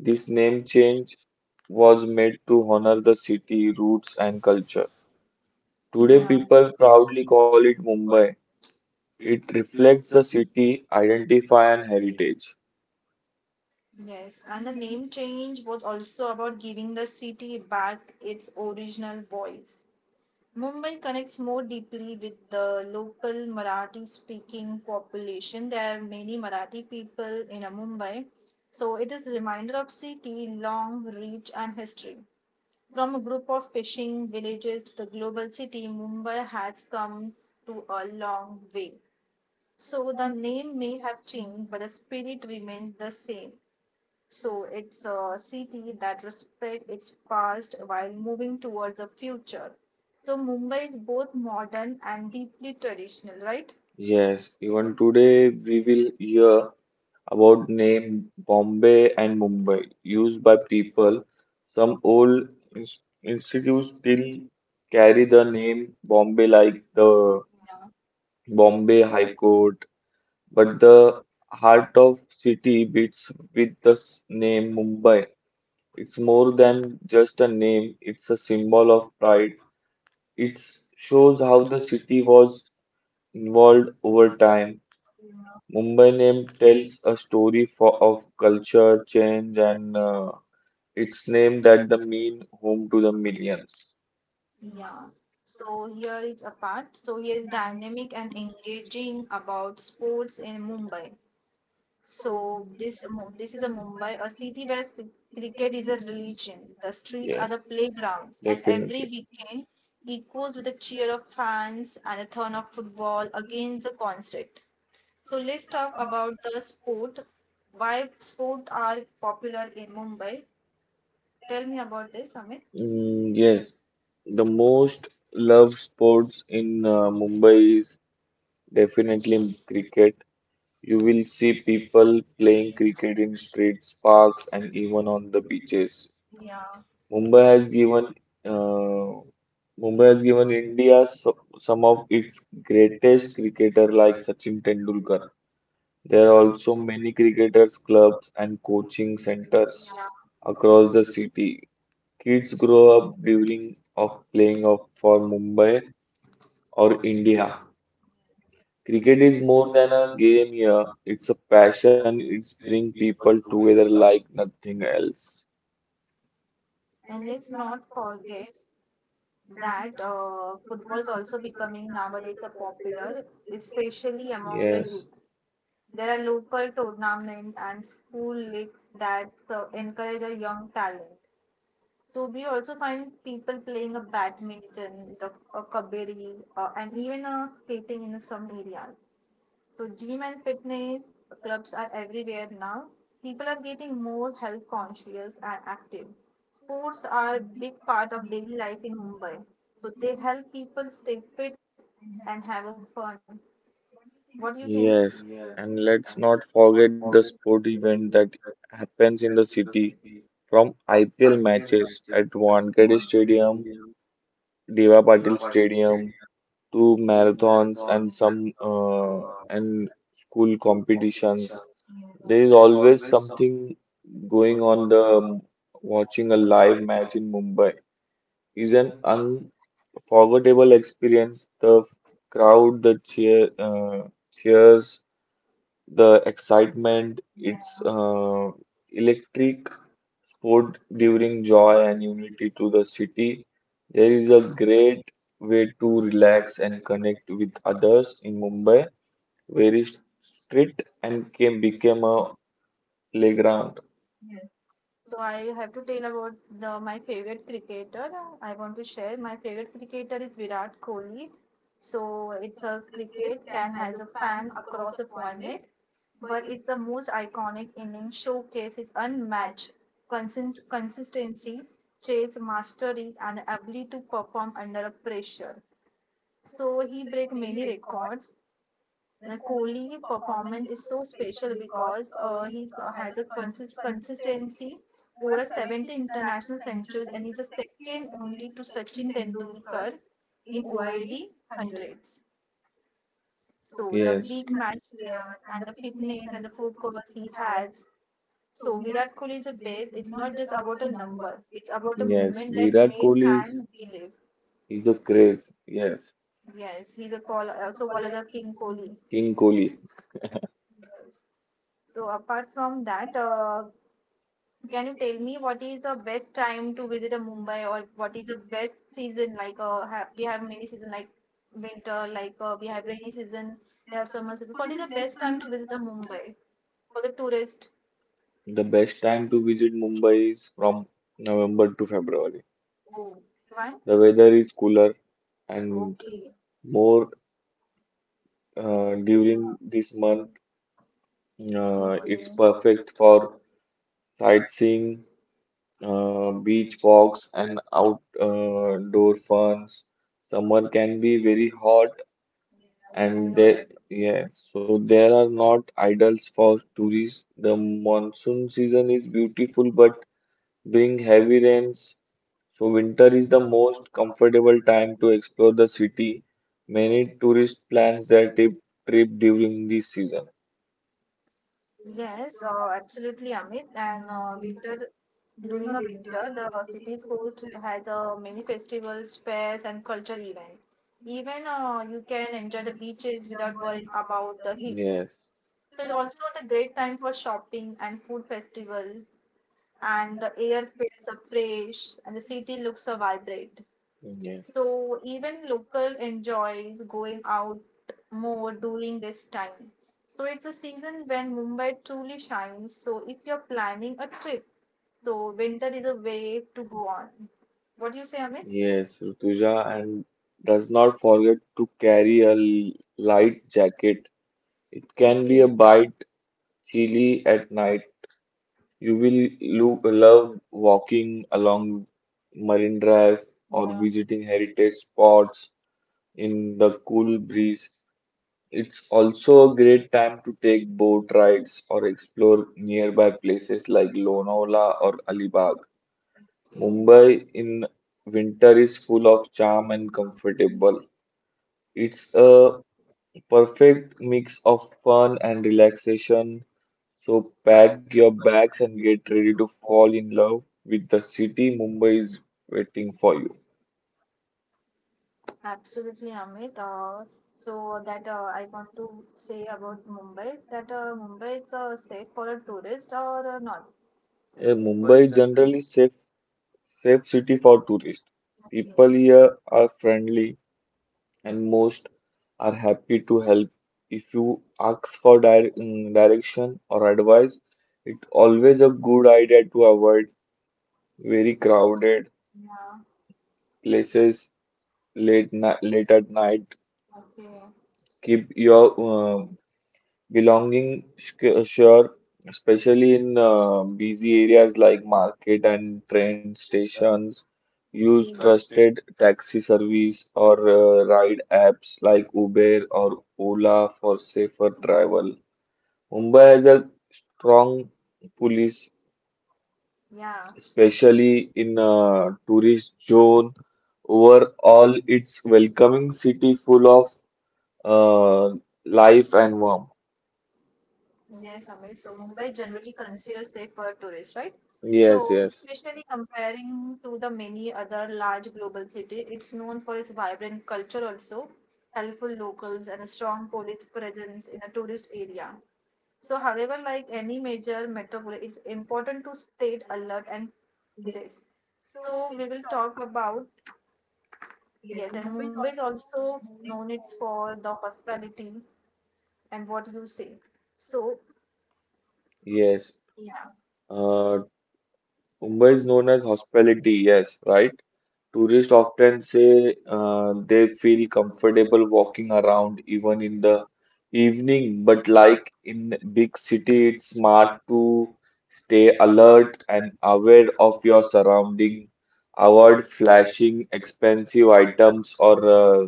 Speaker 2: This
Speaker 1: This
Speaker 2: name
Speaker 1: name
Speaker 2: change was
Speaker 1: was
Speaker 2: made to honor the city roots and culture.
Speaker 1: big.
Speaker 2: Today,
Speaker 1: Yeah,
Speaker 2: people
Speaker 1: people proud
Speaker 2: proudly call it
Speaker 1: Mumbai.
Speaker 2: Mumbai. It reflects
Speaker 1: Reflects
Speaker 2: the city identity
Speaker 1: by
Speaker 2: and
Speaker 1: heritage.
Speaker 2: heritage.
Speaker 1: Yes, and the name change was also about giving the city back its original voice. Mumbai connects more deeply with the local Marathi speaking population. There are many Marathi people in uh, Mumbai. So it is a reminder of city, long reach and history. From a group of fishing villages to the global city, Mumbai has come to a long way. So the name may have changed, but the spirit remains the same. So it's a city that respects its past while moving towards the future. So Mumbai is both modern and deeply traditional, right?
Speaker 2: Yes,
Speaker 1: Yes, even
Speaker 2: even today
Speaker 1: today
Speaker 2: we
Speaker 1: we
Speaker 2: will
Speaker 1: will
Speaker 2: hear
Speaker 1: hear
Speaker 2: about name
Speaker 1: name
Speaker 2: Bombay and
Speaker 1: and
Speaker 2: Mumbai used by people. Some old ins- institutes
Speaker 1: institutes
Speaker 2: still
Speaker 1: still
Speaker 2: carry
Speaker 1: carry
Speaker 2: the
Speaker 1: the
Speaker 2: name
Speaker 1: name,
Speaker 2: Bombay, like the
Speaker 1: yeah,
Speaker 2: Bombay
Speaker 1: Bombay
Speaker 2: High
Speaker 1: High
Speaker 2: Court. But the heart of city beats with the s-
Speaker 1: in
Speaker 2: name Mumbai.
Speaker 1: Mumbai.
Speaker 2: It's
Speaker 1: It's
Speaker 2: more
Speaker 1: more,
Speaker 2: than just a name, it's a symbol of pride. It shows
Speaker 1: shows
Speaker 2: how
Speaker 1: how
Speaker 2: the
Speaker 1: the
Speaker 2: city
Speaker 1: city was
Speaker 2: was involved over
Speaker 1: over time,
Speaker 2: time. Mumbai name tells a story for, of culture, change,
Speaker 1: that
Speaker 2: and uh, its
Speaker 1: its
Speaker 2: name
Speaker 1: name
Speaker 2: that
Speaker 1: that
Speaker 2: the mean home to the
Speaker 1: become media.
Speaker 2: millions.
Speaker 1: Yeah. So here is a part. So here is dynamic and engaging about sports in Mumbai. So this Mu- this is a Mumbai, a city where s- cricket is a religion. The street are
Speaker 2: Yes,
Speaker 1: the playgrounds, and every
Speaker 2: definitely.
Speaker 1: weekend echoes with the cheer of fans and a turn of football against the concert. So let's talk about the sport. Why sport are popular in Mumbai? Tell me about this, Amit.
Speaker 2: Mm,
Speaker 1: Mm,
Speaker 2: yes, the most
Speaker 1: yes.
Speaker 2: loved sports in uh, Mumbai is definitely cricket. You
Speaker 1: You
Speaker 2: will
Speaker 1: will
Speaker 2: see
Speaker 1: see people
Speaker 2: people playing
Speaker 1: playing
Speaker 2: cricket
Speaker 1: cricket
Speaker 2: in
Speaker 1: in
Speaker 2: streets,
Speaker 1: streets,
Speaker 2: parks,
Speaker 1: parks,
Speaker 2: and
Speaker 1: and
Speaker 2: even
Speaker 1: even
Speaker 2: on the
Speaker 1: the beaches.
Speaker 2: beaches.
Speaker 1: Yeah.
Speaker 2: Mumbai
Speaker 1: Mumbai
Speaker 2: has
Speaker 1: has given
Speaker 2: given
Speaker 1: uh,
Speaker 2: uh, Mumbai
Speaker 1: Mumbai
Speaker 2: has
Speaker 1: has
Speaker 2: given
Speaker 1: given
Speaker 2: India
Speaker 1: India
Speaker 2: so-
Speaker 1: some
Speaker 2: some
Speaker 1: some
Speaker 2: of
Speaker 1: of its
Speaker 2: its greatest
Speaker 1: greatest
Speaker 2: cricketer
Speaker 1: cricketer
Speaker 2: like
Speaker 1: licenses
Speaker 2: Sachin
Speaker 1: in
Speaker 2: Tendulkar.
Speaker 1: Europe.
Speaker 2: There are
Speaker 1: There are
Speaker 2: also
Speaker 1: also
Speaker 2: many
Speaker 1: many cricket
Speaker 2: cricketers,
Speaker 1: clubs
Speaker 2: clubs,
Speaker 1: and
Speaker 2: and coaching
Speaker 1: coaching centers,
Speaker 2: centers
Speaker 1: yeah,
Speaker 2: across
Speaker 1: across
Speaker 2: the
Speaker 1: the
Speaker 2: city. Kids
Speaker 1: streets
Speaker 2: grow up dreaming of
Speaker 1: of,
Speaker 2: playing of for
Speaker 1: of,
Speaker 2: Mumbai or
Speaker 1: of
Speaker 2: India.
Speaker 1: India.
Speaker 2: Cricket
Speaker 1: Cricket
Speaker 2: is
Speaker 1: is
Speaker 2: more
Speaker 1: more
Speaker 2: than
Speaker 1: than
Speaker 2: a
Speaker 1: a game.
Speaker 2: game here. It's a passion. It's bring people together like nothing else.
Speaker 1: And let's not forget that uh, football is also becoming nowadays a popular, especially among the
Speaker 2: Yes,
Speaker 1: youth. There are local tournaments and school leagues that so encourage a young talent. So we also find people playing a badminton, the, a kabaddi, uh, and even uh, skating in some areas. So, gym and fitness clubs are everywhere now. People are getting more health conscious and active. Sports are a big part of daily life in Mumbai. So, they help people stay fit and have a fun. What do you think?
Speaker 2: young. Yes. And
Speaker 1: And
Speaker 2: let's
Speaker 1: let's
Speaker 2: not
Speaker 1: not
Speaker 2: forget
Speaker 1: forget
Speaker 2: the
Speaker 1: the
Speaker 2: sport
Speaker 1: sporting
Speaker 2: event
Speaker 1: events
Speaker 2: that
Speaker 1: that
Speaker 2: happens
Speaker 1: happens
Speaker 2: in
Speaker 1: in
Speaker 2: the
Speaker 1: the
Speaker 2: city,
Speaker 1: city,
Speaker 2: from
Speaker 1: from
Speaker 2: I P L matches at Wankhede Stadium, Deva
Speaker 1: club,
Speaker 2: Patil
Speaker 1: I stadium,
Speaker 2: Stadium to marathons
Speaker 1: marathons,
Speaker 2: and some
Speaker 1: uh,
Speaker 2: uh, and school
Speaker 1: competitions,
Speaker 2: competitions. There is always something going
Speaker 1: going
Speaker 2: on
Speaker 1: on the,
Speaker 2: the watching a
Speaker 1: the
Speaker 2: live
Speaker 1: live man,
Speaker 2: match in Mumbai is
Speaker 1: and
Speaker 2: an
Speaker 1: unforgettable
Speaker 2: forgettable experience. The f-
Speaker 1: crowds,
Speaker 2: crowd, the
Speaker 1: yeah,
Speaker 2: cheer, uh,
Speaker 1: the
Speaker 2: cheers, the
Speaker 1: excitement.
Speaker 2: excitement. It's uh,
Speaker 1: Uh,
Speaker 2: electric
Speaker 1: drink
Speaker 2: sport during
Speaker 1: gives joy
Speaker 2: joy
Speaker 1: and
Speaker 2: and unity to the city.
Speaker 1: city.
Speaker 2: There is a
Speaker 1: Great
Speaker 2: great way to
Speaker 1: to relax
Speaker 2: relax and connect with others in Mumbai, where is street
Speaker 1: and
Speaker 2: and came became a
Speaker 1: uh,
Speaker 2: playground.
Speaker 1: playground. So I have to tell about the, my favorite cricketer. I want to share my favorite cricketer is Virat Kohli. So it's a cricket can has a fan across a format, but it's the most iconic inning showcase its unmatched consist- consistency, chase mastery, and ability to perform under pressure. So he break many records. Like Kohli performance is so special because uh, he has a consist- consistency over seventy international centuries and he's the second only to Sachin Tendulkar in O I D hundreds. So the, yes,
Speaker 2: Yes.
Speaker 1: big match player and the fitness and the focus he has. So Virat Kohli is a best. It's not just about a number. It's about a, yes,
Speaker 2: Yes,
Speaker 1: moment that he's
Speaker 2: Virat
Speaker 1: we
Speaker 2: Kohli is
Speaker 1: can believe.
Speaker 2: is
Speaker 1: He's
Speaker 2: a
Speaker 1: a,
Speaker 2: craze. Yes,
Speaker 1: yes, he's a call also called as a King Kohli.
Speaker 2: King
Speaker 1: King.
Speaker 2: Kohli.
Speaker 1: Yes. So apart from that, uh, can you tell me what is the best time to visit a Mumbai or what is the best season? Like uh, have, we have many season like winter, like uh, we have rainy season, we have summer season. What is the best time to visit a Mumbai for the tourist?
Speaker 2: The best
Speaker 1: Which
Speaker 2: time
Speaker 1: time
Speaker 2: to
Speaker 1: to,
Speaker 2: visit Mumbai is from November to February.
Speaker 1: oh, why?
Speaker 2: The
Speaker 1: Travel
Speaker 2: weather is cooler
Speaker 1: and,
Speaker 2: and
Speaker 1: okay,
Speaker 2: more
Speaker 1: more
Speaker 2: uh,
Speaker 1: uh, during
Speaker 2: during this
Speaker 1: this month.
Speaker 2: month. Uh,
Speaker 1: Uh,
Speaker 2: Okay.
Speaker 1: okay,
Speaker 2: It's
Speaker 1: it's
Speaker 2: perfect
Speaker 1: perfect
Speaker 2: for
Speaker 1: for sites,
Speaker 2: sightseeing, uh,
Speaker 1: uh,
Speaker 2: beach
Speaker 1: beach
Speaker 2: walks and
Speaker 1: and outdoor
Speaker 2: outdoor funs. Summer can
Speaker 1: can
Speaker 2: be
Speaker 1: be.
Speaker 2: very hot,
Speaker 1: Yes,
Speaker 2: and
Speaker 1: and
Speaker 2: there,
Speaker 1: there
Speaker 2: yeah, so
Speaker 1: there
Speaker 2: there
Speaker 1: are
Speaker 2: are
Speaker 1: not
Speaker 2: not idols for
Speaker 1: of.
Speaker 2: tourists. The monsoon season is beautiful but bring heavy rains. So winter
Speaker 1: Winter
Speaker 2: is
Speaker 1: is
Speaker 2: the
Speaker 1: the most
Speaker 2: most comfortable
Speaker 1: comfortable
Speaker 2: time
Speaker 1: time.
Speaker 2: to explore the city. Many tourists plans their trip, trip during this season.
Speaker 1: Yes, uh, absolutely, Amit. And uh, winter during a winter, the city's court has uh, many festivals, fairs, and cultural events. Even uh, you can enjoy the beaches without worrying about the heat.
Speaker 2: Yes,
Speaker 1: So it's also the great time for shopping and food festival. And the air feels uh, fresh, and the city looks uh, vibrant.
Speaker 2: yes,
Speaker 1: So even local enjoys going out more during this time. So it's a season when Mumbai truly shines. So if you're planning a trip, so winter is a way to go on. What do you say, Amit? Yeah,
Speaker 2: yes, Rutuja, and does
Speaker 1: does
Speaker 2: not
Speaker 1: not
Speaker 2: forget to carry
Speaker 1: carry.
Speaker 2: a l- light jacket. It can
Speaker 1: Can, okay,
Speaker 2: be
Speaker 1: be
Speaker 2: a
Speaker 1: a bite
Speaker 2: bit chilly
Speaker 1: cheese
Speaker 2: at
Speaker 1: at
Speaker 2: night.
Speaker 1: night
Speaker 2: You will look, love walking along Marine Drive
Speaker 1: drive
Speaker 2: or
Speaker 1: or, yeah,
Speaker 2: visiting heritage
Speaker 1: or
Speaker 2: spots in the cool
Speaker 1: cool
Speaker 2: breeze. It's
Speaker 1: beach
Speaker 2: also
Speaker 1: also.
Speaker 2: a great time to take boat rides or explore nearby places like
Speaker 1: Uh,
Speaker 2: Lonavala or Alibag. Mumbai
Speaker 1: Mumbai
Speaker 2: in winter is full of charm and comfortable. It's
Speaker 1: is
Speaker 2: a
Speaker 1: a
Speaker 2: perfect mix of
Speaker 1: fun
Speaker 2: fun and
Speaker 1: and relaxing.
Speaker 2: relaxation. So
Speaker 1: Pack
Speaker 2: pack your
Speaker 1: your bags
Speaker 2: bags and
Speaker 1: and get
Speaker 2: get
Speaker 1: ready
Speaker 2: ready to
Speaker 1: to fall
Speaker 2: fall
Speaker 1: in
Speaker 2: in
Speaker 1: love.
Speaker 2: love with the city. Mumbai is waiting for you.
Speaker 1: Absolutely, Amit. Uh, so that uh, I want to say about Mumbai is that uh, Mumbai is uh, safe for a tourist or uh, not.
Speaker 2: Yeah,
Speaker 1: Yeah,
Speaker 2: Mumbai is
Speaker 1: Mumbai
Speaker 2: generally
Speaker 1: generally is
Speaker 2: safe
Speaker 1: safe
Speaker 2: safe city for tourists. People
Speaker 1: for
Speaker 2: here
Speaker 1: years
Speaker 2: are friendly and
Speaker 1: and
Speaker 2: most
Speaker 1: most
Speaker 2: are
Speaker 1: are
Speaker 2: happy to help. If you
Speaker 1: are
Speaker 2: ask for di-
Speaker 1: crowded
Speaker 2: mm, direction or
Speaker 1: or
Speaker 2: advice, it's
Speaker 1: all
Speaker 2: always a good idea to avoid very
Speaker 1: very crowded,
Speaker 2: crowded
Speaker 1: yeah, place
Speaker 2: places late
Speaker 1: late
Speaker 2: ni-
Speaker 1: night.
Speaker 2: late at night.
Speaker 1: Okay. Keep
Speaker 2: Keep your
Speaker 1: your,
Speaker 2: uh,
Speaker 1: um, belonging
Speaker 2: belonging, sc- sure, especially in
Speaker 1: in uh,
Speaker 2: uh, busy areas like
Speaker 1: mark.
Speaker 2: market and train stations. Use
Speaker 1: Trust
Speaker 2: trusted taxi service
Speaker 1: or
Speaker 2: or uh,
Speaker 1: right.
Speaker 2: ride apps like Uber or Ola for safer travel. Mumbai
Speaker 1: Mumbai
Speaker 2: has
Speaker 1: has
Speaker 2: a
Speaker 1: a,
Speaker 2: strong police,
Speaker 1: yeah, special
Speaker 2: especially in uh, tourist zone.
Speaker 1: all
Speaker 2: Overall, it's welcoming city full of
Speaker 1: uh,
Speaker 2: uh, life
Speaker 1: life
Speaker 2: and
Speaker 1: and more.
Speaker 2: warmth.
Speaker 1: Yes, Amit. So Mumbai generally considered safe for tourists, right? Yes.
Speaker 2: Yes,
Speaker 1: So,
Speaker 2: yes.
Speaker 1: especially comparing to the many other large global cities, it's known for its vibrant culture also, helpful locals, and a strong police presence in a tourist area. So, however, like any major metropolis, it's important to stay alert and this. So, we will talk about, yes, and Mumbai is also known it's for the hospitality and what you say. So,
Speaker 2: Yes.
Speaker 1: yes. Yeah.
Speaker 2: Uh,
Speaker 1: Uh,
Speaker 2: Mumbai
Speaker 1: Mumbai
Speaker 2: is
Speaker 1: is not
Speaker 2: known as hospitality, yes, right?
Speaker 1: to
Speaker 2: Tourists often say uh, they feel comfortable walking around even
Speaker 1: funny.
Speaker 2: in
Speaker 1: The
Speaker 2: the evening, but
Speaker 1: different lights
Speaker 2: like in big city, it's
Speaker 1: are
Speaker 2: smart to stay
Speaker 1: colors
Speaker 2: alert and aware
Speaker 1: of
Speaker 2: of
Speaker 1: your
Speaker 2: your surrounding. Avoid
Speaker 1: award flash
Speaker 2: flashing expensive items or uh,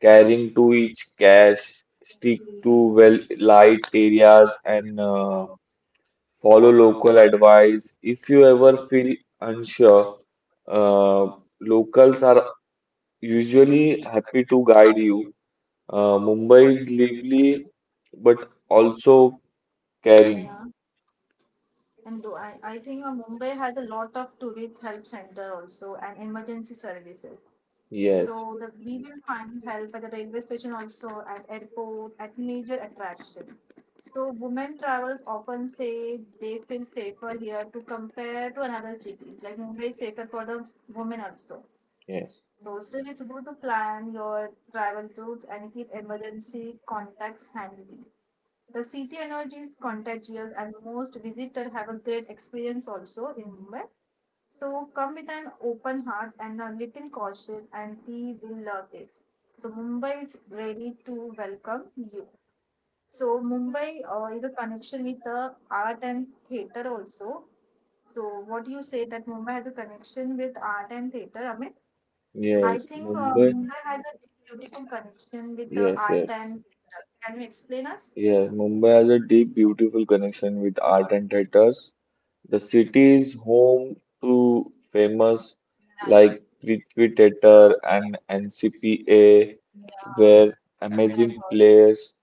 Speaker 2: carrying
Speaker 1: carrying to
Speaker 2: too
Speaker 1: each
Speaker 2: much
Speaker 1: dash
Speaker 2: cash. Stick to
Speaker 1: into well
Speaker 2: well
Speaker 1: light
Speaker 2: light
Speaker 1: areas.
Speaker 2: areas and uh,
Speaker 1: Uh,
Speaker 2: follow
Speaker 1: Follow
Speaker 2: local
Speaker 1: local advice
Speaker 2: advice. If you ever feel unsure, uh, locals are
Speaker 1: are
Speaker 2: usually
Speaker 1: usually
Speaker 2: happy to guide
Speaker 1: guide
Speaker 2: you.
Speaker 1: you.
Speaker 2: Uh,
Speaker 1: Uh,
Speaker 2: Mumbai is
Speaker 1: Mumbai's
Speaker 2: lively but
Speaker 1: but
Speaker 2: also
Speaker 1: also carrying.
Speaker 2: caring.
Speaker 1: Yeah. And do I, I think uh, Mumbai has a lot of tourist help center also and emergency services. Yes.
Speaker 2: Yes.
Speaker 1: So that we will find help at the railway station also at airport at major attraction. So women travelers often say they feel safer here to compare to another cities. Like Mumbai is safer for the women also.
Speaker 2: Yes,
Speaker 1: So still it's good to plan your travel routes and keep emergency contacts handy. The city energy is contagious and most visitors have a great experience also in Mumbai. So come with an open heart and a little caution and we will love it. So Mumbai is ready to welcome you. So Mumbai uh, is a connection with the art and theatre also. So what you say that Mumbai has a connection with art and theatre, Amit? Yes, I
Speaker 2: yes,
Speaker 1: think uh,
Speaker 2: Mumbai.
Speaker 1: Mumbai has a beautiful connection with the yes,
Speaker 2: Yes,
Speaker 1: art yes,
Speaker 2: yes,
Speaker 1: and theatre. Can you explain us?
Speaker 2: yes.
Speaker 1: Yeah,
Speaker 2: Mumbai
Speaker 1: Mumbai
Speaker 2: has a deep, beautiful connection with art and
Speaker 1: architectures.
Speaker 2: theaters. The
Speaker 1: The
Speaker 2: city
Speaker 1: cities
Speaker 2: is
Speaker 1: more
Speaker 2: home
Speaker 1: to
Speaker 2: to
Speaker 1: famous
Speaker 2: famous
Speaker 1: like
Speaker 2: like Prithvi
Speaker 1: architecture
Speaker 2: Theatre and N C P A, where
Speaker 1: and amazing
Speaker 2: amazing plays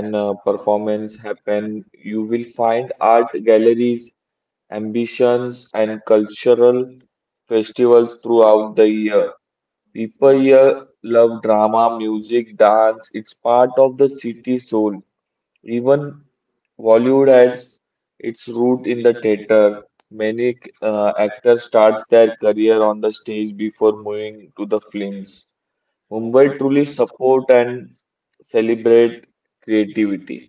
Speaker 1: and
Speaker 2: uh, performance happen. You will find
Speaker 1: fine art
Speaker 2: art galleries,
Speaker 1: and
Speaker 2: ambitions, and
Speaker 1: sculptures
Speaker 2: cultural festivals
Speaker 1: throughout
Speaker 2: throughout the
Speaker 1: the year.
Speaker 2: year. People
Speaker 1: The
Speaker 2: here
Speaker 1: year the
Speaker 2: love drama,
Speaker 1: drama
Speaker 2: music, dance. It's part of the city soul. Even Bollywood
Speaker 1: Bollywood
Speaker 2: has
Speaker 1: has
Speaker 2: its
Speaker 1: fruit
Speaker 2: root in the theater. Many
Speaker 1: uh,
Speaker 2: uh,
Speaker 1: and
Speaker 2: actors start
Speaker 1: starts.
Speaker 2: their career on the stage before moving to the films. Mumbai
Speaker 1: Mumbai
Speaker 2: truly
Speaker 1: truly support
Speaker 2: support
Speaker 1: and
Speaker 2: and celebrate
Speaker 1: celebrate
Speaker 2: creativity.
Speaker 1: creativity.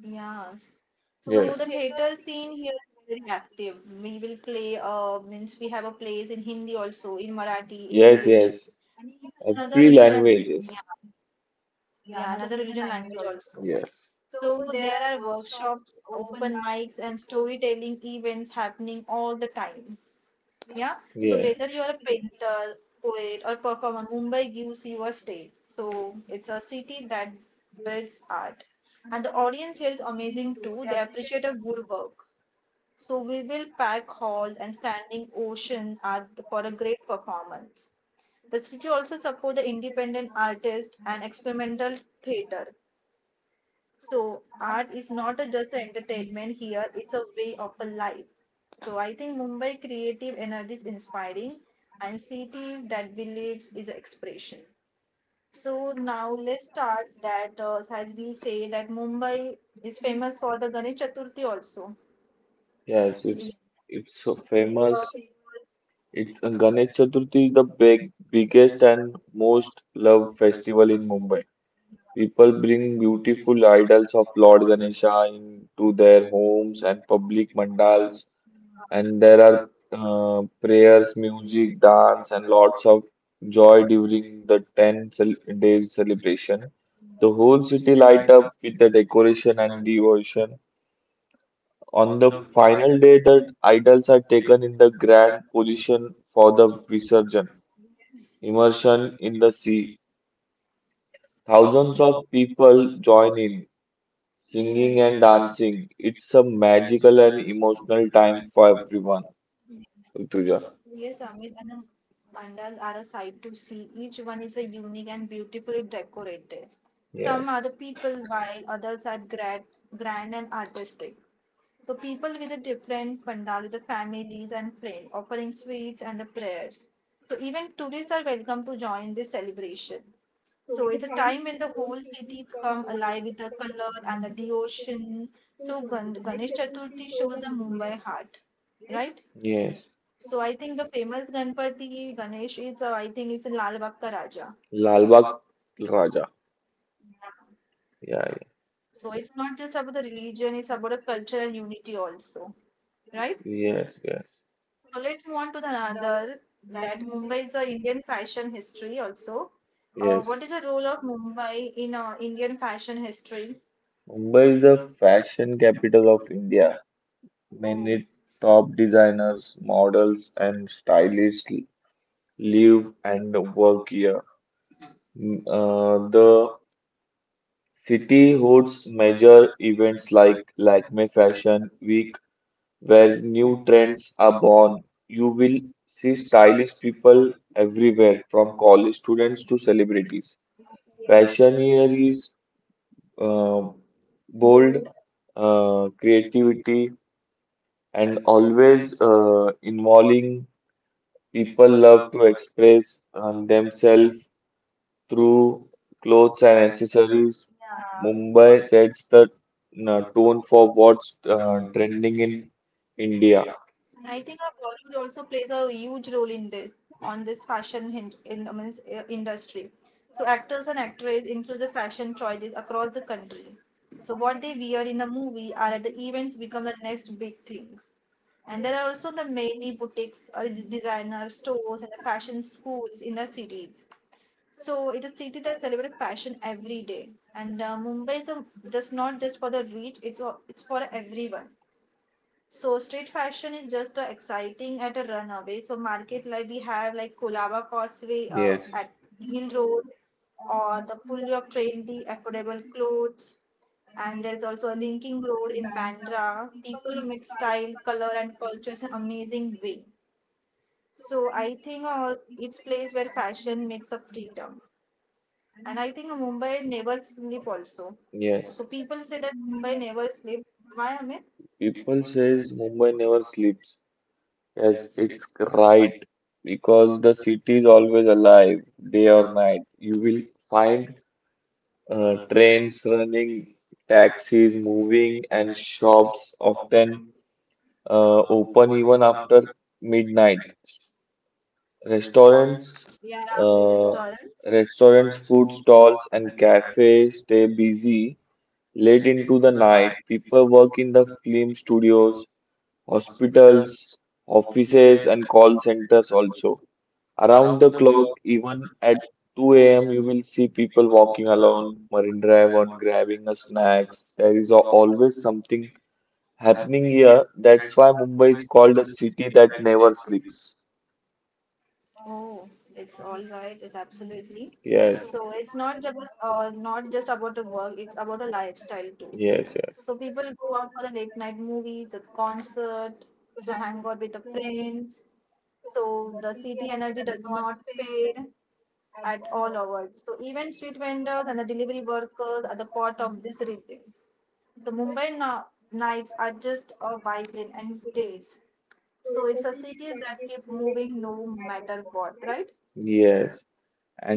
Speaker 1: Yes.
Speaker 2: So the
Speaker 1: So the
Speaker 2: yes,
Speaker 1: yes,
Speaker 2: theatre
Speaker 1: theater
Speaker 2: scene
Speaker 1: scene
Speaker 2: here
Speaker 1: here
Speaker 2: is
Speaker 1: is
Speaker 2: very
Speaker 1: very
Speaker 2: active.
Speaker 1: active.
Speaker 2: We
Speaker 1: We
Speaker 2: will
Speaker 1: will
Speaker 2: play,
Speaker 1: play,
Speaker 2: uh,
Speaker 1: uh,
Speaker 2: we
Speaker 1: means we
Speaker 2: have
Speaker 1: have
Speaker 2: a
Speaker 1: a
Speaker 2: play in
Speaker 1: plays in
Speaker 2: Hindi
Speaker 1: Hindi
Speaker 2: also,
Speaker 1: also,
Speaker 2: in
Speaker 1: in
Speaker 2: Marathi,
Speaker 1: Marathi, in
Speaker 2: in
Speaker 1: yes,
Speaker 2: yes, English,
Speaker 1: English, yes,
Speaker 2: yes, and even
Speaker 1: another three
Speaker 2: another
Speaker 1: religion,
Speaker 2: every
Speaker 1: language,
Speaker 2: region,
Speaker 1: yeah, yeah, another religion
Speaker 2: language
Speaker 1: language
Speaker 2: is.
Speaker 1: also.
Speaker 2: Yes.
Speaker 1: So there are workshops, open mics, and storytelling events happening all the time. Yeah.
Speaker 2: Yes.
Speaker 1: So
Speaker 2: Yeah.
Speaker 1: yes,
Speaker 2: Whether you
Speaker 1: whether you are
Speaker 2: are
Speaker 1: a
Speaker 2: painter,
Speaker 1: painter, poet, or performer, Mumbai gives you a stage. So it's a city that breeds art. And the audience here is amazing too. They appreciate a good work. So we will pack hall and standing ocean are the- for a great performance. The city also support the independent artist and experimental theater. So art is not a just a entertainment here; it's a way of a life. So I think Mumbai creative energy is inspiring, and city that believes is expression. So now let's start that uh, as we say that Mumbai is famous for the Ganesh Chaturthi also.
Speaker 2: yes,
Speaker 1: Yes, yeah,
Speaker 2: it's it's
Speaker 1: it's
Speaker 2: so
Speaker 1: like it's uh, so
Speaker 2: famous.
Speaker 1: people's
Speaker 2: It's
Speaker 1: it's
Speaker 2: uh,
Speaker 1: a
Speaker 2: Ganesh
Speaker 1: connection
Speaker 2: Chaturthi
Speaker 1: to
Speaker 2: is the
Speaker 1: the
Speaker 2: big,
Speaker 1: big- biggest
Speaker 2: biggest and
Speaker 1: and most
Speaker 2: most
Speaker 1: loved
Speaker 2: loved festival in
Speaker 1: festival
Speaker 2: Mumbai. People bring
Speaker 1: in
Speaker 2: beautiful idols of Lord Ganesha into their homes and public
Speaker 1: Utah.
Speaker 2: mandals, and
Speaker 1: There
Speaker 2: there are
Speaker 1: are
Speaker 2: uh,
Speaker 1: prayers
Speaker 2: prayers, music, dance,
Speaker 1: and
Speaker 2: and
Speaker 1: lots
Speaker 2: lots of joy during the ten cel days celebration. The whole
Speaker 1: of city
Speaker 2: city light
Speaker 1: lights
Speaker 2: up with the decoration and devotion.
Speaker 1: on
Speaker 2: On the
Speaker 1: the final
Speaker 2: final
Speaker 1: day
Speaker 2: day, the idols are taken in the
Speaker 1: and
Speaker 2: grand position for
Speaker 1: for
Speaker 2: the visurgence,
Speaker 1: the immerse
Speaker 2: immersion in the sea.
Speaker 1: thousands
Speaker 2: Thousands
Speaker 1: of
Speaker 2: of people
Speaker 1: people
Speaker 2: join
Speaker 1: joining,
Speaker 2: in,
Speaker 1: singing
Speaker 2: singing
Speaker 1: yes,
Speaker 2: and
Speaker 1: and dancing.
Speaker 2: dancing. It's
Speaker 1: It's
Speaker 2: a
Speaker 1: a
Speaker 2: magical
Speaker 1: magical
Speaker 2: and
Speaker 1: and
Speaker 2: emotional
Speaker 1: emotional
Speaker 2: time
Speaker 1: time
Speaker 2: for
Speaker 1: for
Speaker 2: everyone.
Speaker 1: people.
Speaker 2: Rituja.
Speaker 1: Yes, Amit, and the mandalas are a sight to see. Each one is a unique and beautifully decorated. Some
Speaker 2: Yes.
Speaker 1: are the people, while others are grand, grand and artistic. So people visit different pandal with the families and friends, offering sweets and the prayers. So even tourists are welcome to join this celebration. So it's a time when the whole cities come alive with the color and the devotion. So Gan- Ganesh Chaturthi shows the Mumbai heart, right? Yes.
Speaker 2: Yes.
Speaker 1: So I think the famous Ganpati Ganesh is, uh, I think it's in Lal Bagh Ka Raja.
Speaker 2: Lal Raja. Yeah, yeah.
Speaker 1: So it's not just about the religion, it's about a cultural unity also, right?
Speaker 2: Yes, yes.
Speaker 1: So let's move on to the another that Mumbai is a Indian fashion history also. Uh,
Speaker 2: Yes.
Speaker 1: what is the role of Mumbai in uh, Indian fashion history?
Speaker 2: Mumbai is
Speaker 1: Mumbai is
Speaker 2: the
Speaker 1: a
Speaker 2: fashion capital of India. Many
Speaker 1: oh,
Speaker 2: top
Speaker 1: dynamic
Speaker 2: designers, models, and stylists live
Speaker 1: live
Speaker 2: and work here. Mm,
Speaker 1: in,
Speaker 2: uh,
Speaker 1: uh,
Speaker 2: the
Speaker 1: the
Speaker 2: city
Speaker 1: city
Speaker 2: hosts
Speaker 1: holds
Speaker 2: major
Speaker 1: measures
Speaker 2: events like
Speaker 1: like
Speaker 2: Lakme Fashion Week, where
Speaker 1: red
Speaker 2: new trends are
Speaker 1: upon
Speaker 2: born. You will see
Speaker 1: sea style.
Speaker 2: stylish people everywhere, from college students to celebrities.
Speaker 1: Okay.
Speaker 2: Fashion
Speaker 1: Fashion
Speaker 2: here
Speaker 1: here is
Speaker 2: is uh,
Speaker 1: uh,
Speaker 2: bold, uh,
Speaker 1: creative
Speaker 2: creativity and
Speaker 1: and
Speaker 2: always
Speaker 1: always
Speaker 2: uh,
Speaker 1: calling
Speaker 2: involving people
Speaker 1: people
Speaker 2: love
Speaker 1: uh,
Speaker 2: to express um,
Speaker 1: um,
Speaker 2: themselves through clothes and
Speaker 1: science.
Speaker 2: accessories.
Speaker 1: Yeah.
Speaker 2: Mumbai
Speaker 1: Mumbai
Speaker 2: sets the uh,
Speaker 1: not
Speaker 2: tone for what's uh,
Speaker 1: uh,
Speaker 2: trending
Speaker 1: trending
Speaker 2: in
Speaker 1: in
Speaker 2: India.
Speaker 1: India. I think our Bollywood also plays a huge role in this on this fashion hin- in, I mean, uh, industry. So actors and actresses influence the fashion choices across the country. So what they wear in a movie are at the events become the next big thing. And there are also the many boutiques or d- designer stores and the fashion schools in the cities. So it's a city that celebrates fashion every day. And uh, Mumbai is a, just not just for the rich; it's a- it's for everyone. So street fashion is just uh, exciting at a runaway. So market like we have like Kolaba Causeway uh, yes, at Hill Road or the full of trendy affordable clothes. And there's also a linking road in Bandra. People mix style, color, and culture in an amazing way. So I think uh, it's place where fashion makes a freedom. And I think Mumbai never sleep also.
Speaker 2: So
Speaker 1: So
Speaker 2: yes.
Speaker 1: yes, people say that Mumbai never sleep. Why, Amit?
Speaker 2: Amit? People
Speaker 1: Full
Speaker 2: says
Speaker 1: shift
Speaker 2: Mumbai never sleeps. Yes,
Speaker 1: as
Speaker 2: it's right because the city is always alive, day or night. You will find
Speaker 1: mind,
Speaker 2: uh,
Speaker 1: brain,
Speaker 2: trains running, taxis moving, and
Speaker 1: and shops,
Speaker 2: shops often uh, open even
Speaker 1: even up
Speaker 2: after midnight. Restaurants,
Speaker 1: restaurants, uh,
Speaker 2: uh,
Speaker 1: restaurants?
Speaker 2: restaurants, food
Speaker 1: Stalls,
Speaker 2: stalls, and
Speaker 1: and
Speaker 2: cafes stay busy late
Speaker 1: carried
Speaker 2: into
Speaker 1: into
Speaker 2: the
Speaker 1: the
Speaker 2: night.
Speaker 1: night,
Speaker 2: People work in the film studios, hospitals,
Speaker 1: hospitals,
Speaker 2: offices, and call centers also. Around
Speaker 1: around
Speaker 2: the
Speaker 1: the clock,
Speaker 2: clock, even at
Speaker 1: even
Speaker 2: two a m, you will see people walking along
Speaker 1: along
Speaker 2: Marine Drive on grabbing a snacks. There is a- always something happening
Speaker 1: opening years.
Speaker 2: here. That's why Mumbai is called a city that never sleeps.
Speaker 1: Oh, it's all right. It's absolutely.
Speaker 2: Yes,
Speaker 1: Yes, so it's not just uh, not just about the work. It's about a lifestyle too. Ye-
Speaker 2: yes, yes.
Speaker 1: So people go out for the late night movies, the concert, to hang out with the friends. So the city energy does not fade at all hours. So even street vendors and the delivery workers are the part of this rhythm. So Mumbai now, nights are just a vibrant and it's days. So it's a city that keep moving no matter what, right? Yeah,
Speaker 2: Yes.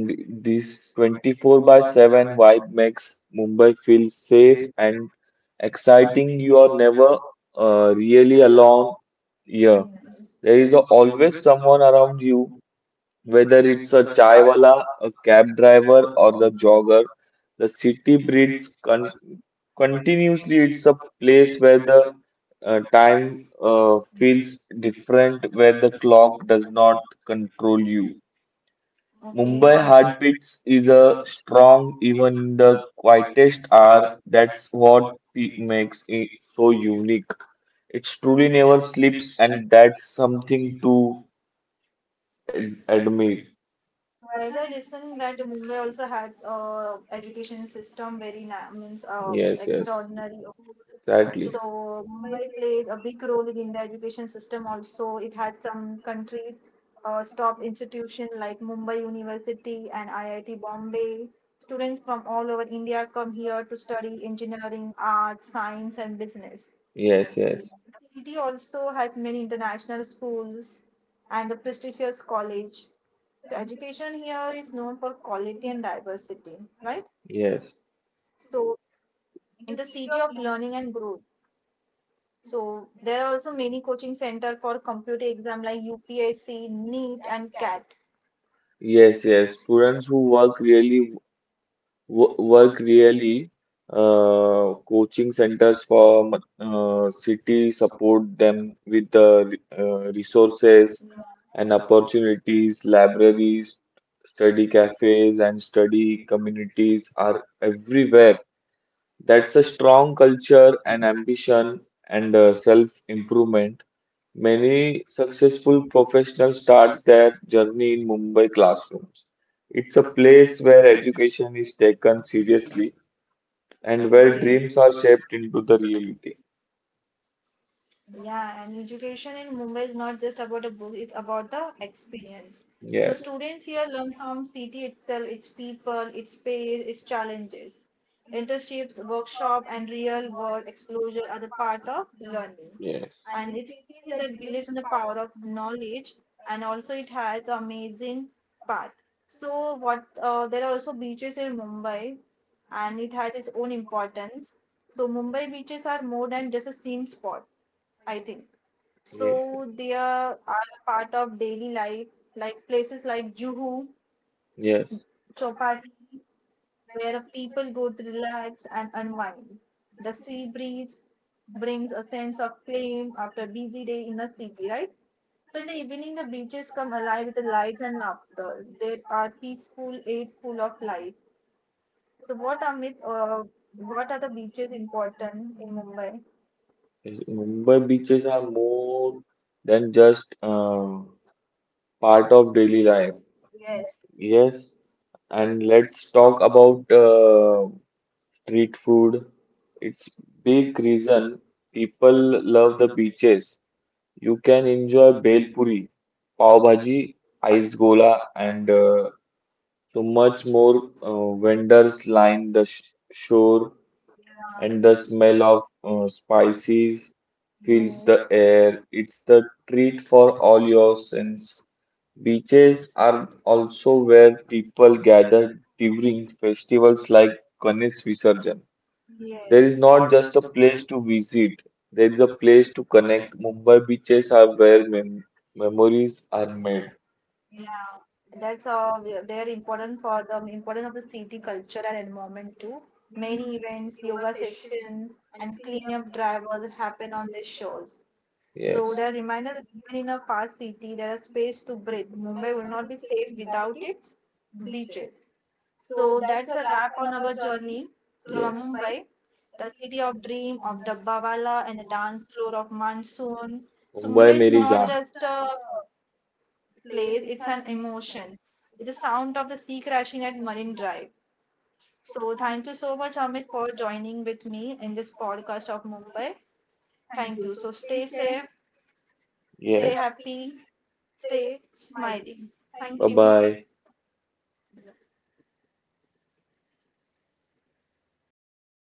Speaker 1: and
Speaker 2: this
Speaker 1: this
Speaker 2: twenty-four
Speaker 1: twenty-four
Speaker 2: by
Speaker 1: by
Speaker 2: seven
Speaker 1: seven
Speaker 2: vibe makes Mumbai feel
Speaker 1: safe,
Speaker 2: safe and
Speaker 1: exciting.
Speaker 2: exciting. You
Speaker 1: You
Speaker 2: are
Speaker 1: are
Speaker 2: never uh, really
Speaker 1: along.
Speaker 2: alone here.
Speaker 1: There
Speaker 2: There
Speaker 1: is
Speaker 2: is a, always someone around you, whether it's a
Speaker 1: a chai.
Speaker 2: chai wala, a cab driver, or the jogger.
Speaker 1: The
Speaker 2: The city
Speaker 1: city breathes
Speaker 2: breathes con
Speaker 1: con-
Speaker 2: continuously.
Speaker 1: continuously. It's
Speaker 2: It's
Speaker 1: a
Speaker 2: a
Speaker 1: place
Speaker 2: place where
Speaker 1: where the
Speaker 2: the
Speaker 1: uh,
Speaker 2: uh, time
Speaker 1: time uh,
Speaker 2: uh,
Speaker 1: feels
Speaker 2: feels different,
Speaker 1: different,
Speaker 2: where
Speaker 1: where the
Speaker 2: the
Speaker 1: clock
Speaker 2: clock
Speaker 1: does
Speaker 2: does
Speaker 1: not.
Speaker 2: not control you.
Speaker 1: Okay.
Speaker 2: Mumbai
Speaker 1: Mumbai had
Speaker 2: heartbeats is a
Speaker 1: strong
Speaker 2: strong even in the
Speaker 1: quietest
Speaker 2: quietest
Speaker 1: hour
Speaker 2: hour. That's
Speaker 1: for
Speaker 2: what
Speaker 1: peak,
Speaker 2: it makes it so
Speaker 1: so you
Speaker 2: unique. It truly
Speaker 1: truly
Speaker 2: never
Speaker 1: never
Speaker 2: sleeps,
Speaker 1: sleeps, and
Speaker 2: and that's
Speaker 1: that's something
Speaker 2: something to
Speaker 1: to
Speaker 2: ad-
Speaker 1: ad-
Speaker 2: admire.
Speaker 1: admire. So as I listened that Mumbai also has uh, education system very na means uh, yes, yes,
Speaker 2: Yes, yes,
Speaker 1: extraordinary,
Speaker 2: exactly.
Speaker 1: exactly. So Mumbai plays a big role in India education system also. It has some country uh, top institution like Mumbai University and I I T Bombay. Students from all over India come here to study engineering, arts, science, and business.
Speaker 2: Yes,
Speaker 1: The
Speaker 2: yes,
Speaker 1: city also has many international schools and a prestigious college. So education here is known for quality and diversity, right?
Speaker 2: yes,
Speaker 1: So in the city of learning and growth. So there are also many coaching center for computer exam like U P S C, NEET and CAT.
Speaker 2: yes,
Speaker 1: Yes,
Speaker 2: yes.
Speaker 1: yes,
Speaker 2: Students who work really wo- work really. Uh, coaching centers for uh, city support them with the uh, resources
Speaker 1: yeah,
Speaker 2: and
Speaker 1: and upper
Speaker 2: opportunities. Libraries, study
Speaker 1: studies
Speaker 2: cafes, and study communities are
Speaker 1: are free.
Speaker 2: everywhere. That's a
Speaker 1: That's
Speaker 2: strong culture and ambition
Speaker 1: action
Speaker 2: and
Speaker 1: and
Speaker 2: uh,
Speaker 1: uh,
Speaker 2: self
Speaker 1: improve
Speaker 2: improvement. Many successful
Speaker 1: successful
Speaker 2: professionals start
Speaker 1: starts
Speaker 2: their journey in
Speaker 1: in
Speaker 2: Mumbai classrooms. It's a
Speaker 1: a
Speaker 2: place
Speaker 1: place
Speaker 2: where
Speaker 1: where
Speaker 2: education is taken
Speaker 1: education lives
Speaker 2: seriously and
Speaker 1: and
Speaker 2: where
Speaker 1: where okay,
Speaker 2: dreams
Speaker 1: dreams
Speaker 2: are
Speaker 1: are.
Speaker 2: shaped into the reality.
Speaker 1: Yeah, and education in Mumbai is not just about a book, it's about the experience. So yes,
Speaker 2: Yes.
Speaker 1: students here learn from city itself, its people, its space, its challenges. Internships, workshop, and real world exposure are the part of learning. Yes.
Speaker 2: Yes.
Speaker 1: And it's that believes in the power of knowledge, and also it has amazing path. So what uh, there are also beaches in Mumbai, and it has its own importance. So Mumbai beaches are more than just a scene spot, I think.
Speaker 2: Yes.
Speaker 1: So they are are a part of daily life, like places like Juhu.
Speaker 2: Yes.
Speaker 1: Yeah, where people go to relax and unwind. The sea breeze brings a sense of calm after a busy day in the city, right? So in the evening, the beaches come alive with the lights and laughter. They are peaceful, yet full of life. So what are myth, uh, what are the beaches important in Mumbai?
Speaker 2: Yes, Mumbai
Speaker 1: But
Speaker 2: beaches
Speaker 1: beaches
Speaker 2: are
Speaker 1: are
Speaker 2: more
Speaker 1: more
Speaker 2: than
Speaker 1: than just
Speaker 2: just uh,
Speaker 1: um, park
Speaker 2: part of daily life. Yes,
Speaker 1: and
Speaker 2: and let's talk
Speaker 1: stock
Speaker 2: about uh, street food. It's
Speaker 1: big
Speaker 2: big
Speaker 1: trees.
Speaker 2: reason people
Speaker 1: People
Speaker 2: love the beaches. You can enjoy
Speaker 1: enjoy the
Speaker 2: bhel puri, pav
Speaker 1: power
Speaker 2: bhaji,
Speaker 1: ice
Speaker 2: ice gola,
Speaker 1: and
Speaker 2: and
Speaker 1: uh,
Speaker 2: uh, so
Speaker 1: so
Speaker 2: much
Speaker 1: much
Speaker 2: more.
Speaker 1: more
Speaker 2: Uh, vendors
Speaker 1: slime
Speaker 2: line the sh shore
Speaker 1: floor and
Speaker 2: and the
Speaker 1: the smell
Speaker 2: smell
Speaker 1: of
Speaker 2: of uh,
Speaker 1: ice
Speaker 2: spices
Speaker 1: creams.
Speaker 2: fills
Speaker 1: The
Speaker 2: the air. It's the
Speaker 1: treat
Speaker 2: treat for
Speaker 1: for
Speaker 2: all
Speaker 1: all your
Speaker 2: your
Speaker 1: senses
Speaker 2: sins. Beaches
Speaker 1: are
Speaker 2: are also
Speaker 1: also.
Speaker 2: where people gather during festivals like Ganesh Visarjan.
Speaker 1: It
Speaker 2: There is
Speaker 1: is
Speaker 2: not
Speaker 1: not
Speaker 2: just
Speaker 1: just
Speaker 2: a
Speaker 1: a place to
Speaker 2: place to
Speaker 1: visit,
Speaker 2: visit, there
Speaker 1: there
Speaker 2: is
Speaker 1: is
Speaker 2: a
Speaker 1: a place
Speaker 2: place to
Speaker 1: to connect.
Speaker 2: connect. Mumbai
Speaker 1: Beaches
Speaker 2: beaches are
Speaker 1: are where
Speaker 2: where mem- memories
Speaker 1: memories
Speaker 2: are
Speaker 1: are
Speaker 2: made.
Speaker 1: made. Yeah, that's all. They they are important for the important of the city culture and environment too. Many events, yoga session, and cleanup drive all happen on these shows.
Speaker 2: Yes.
Speaker 1: So they're reminder that even in a fast city, there is space to breathe. Mumbai will not be safe without its beaches. So that's a wrap on our journey through a Mumbai, the city of dream of Dabbawala and the dance floor of Monsoon. So Mumbai is not just a place, it's an emotion. It's the sound of the sea crashing at Marine Drive. So thank you so much, Amit, for joining with me in this podcast of Mumbai. Thank you. So stay safe,
Speaker 2: Stay
Speaker 1: stay yes, happy, stay smiling. Thank
Speaker 2: you.
Speaker 1: you.
Speaker 2: Bye.
Speaker 1: Bye.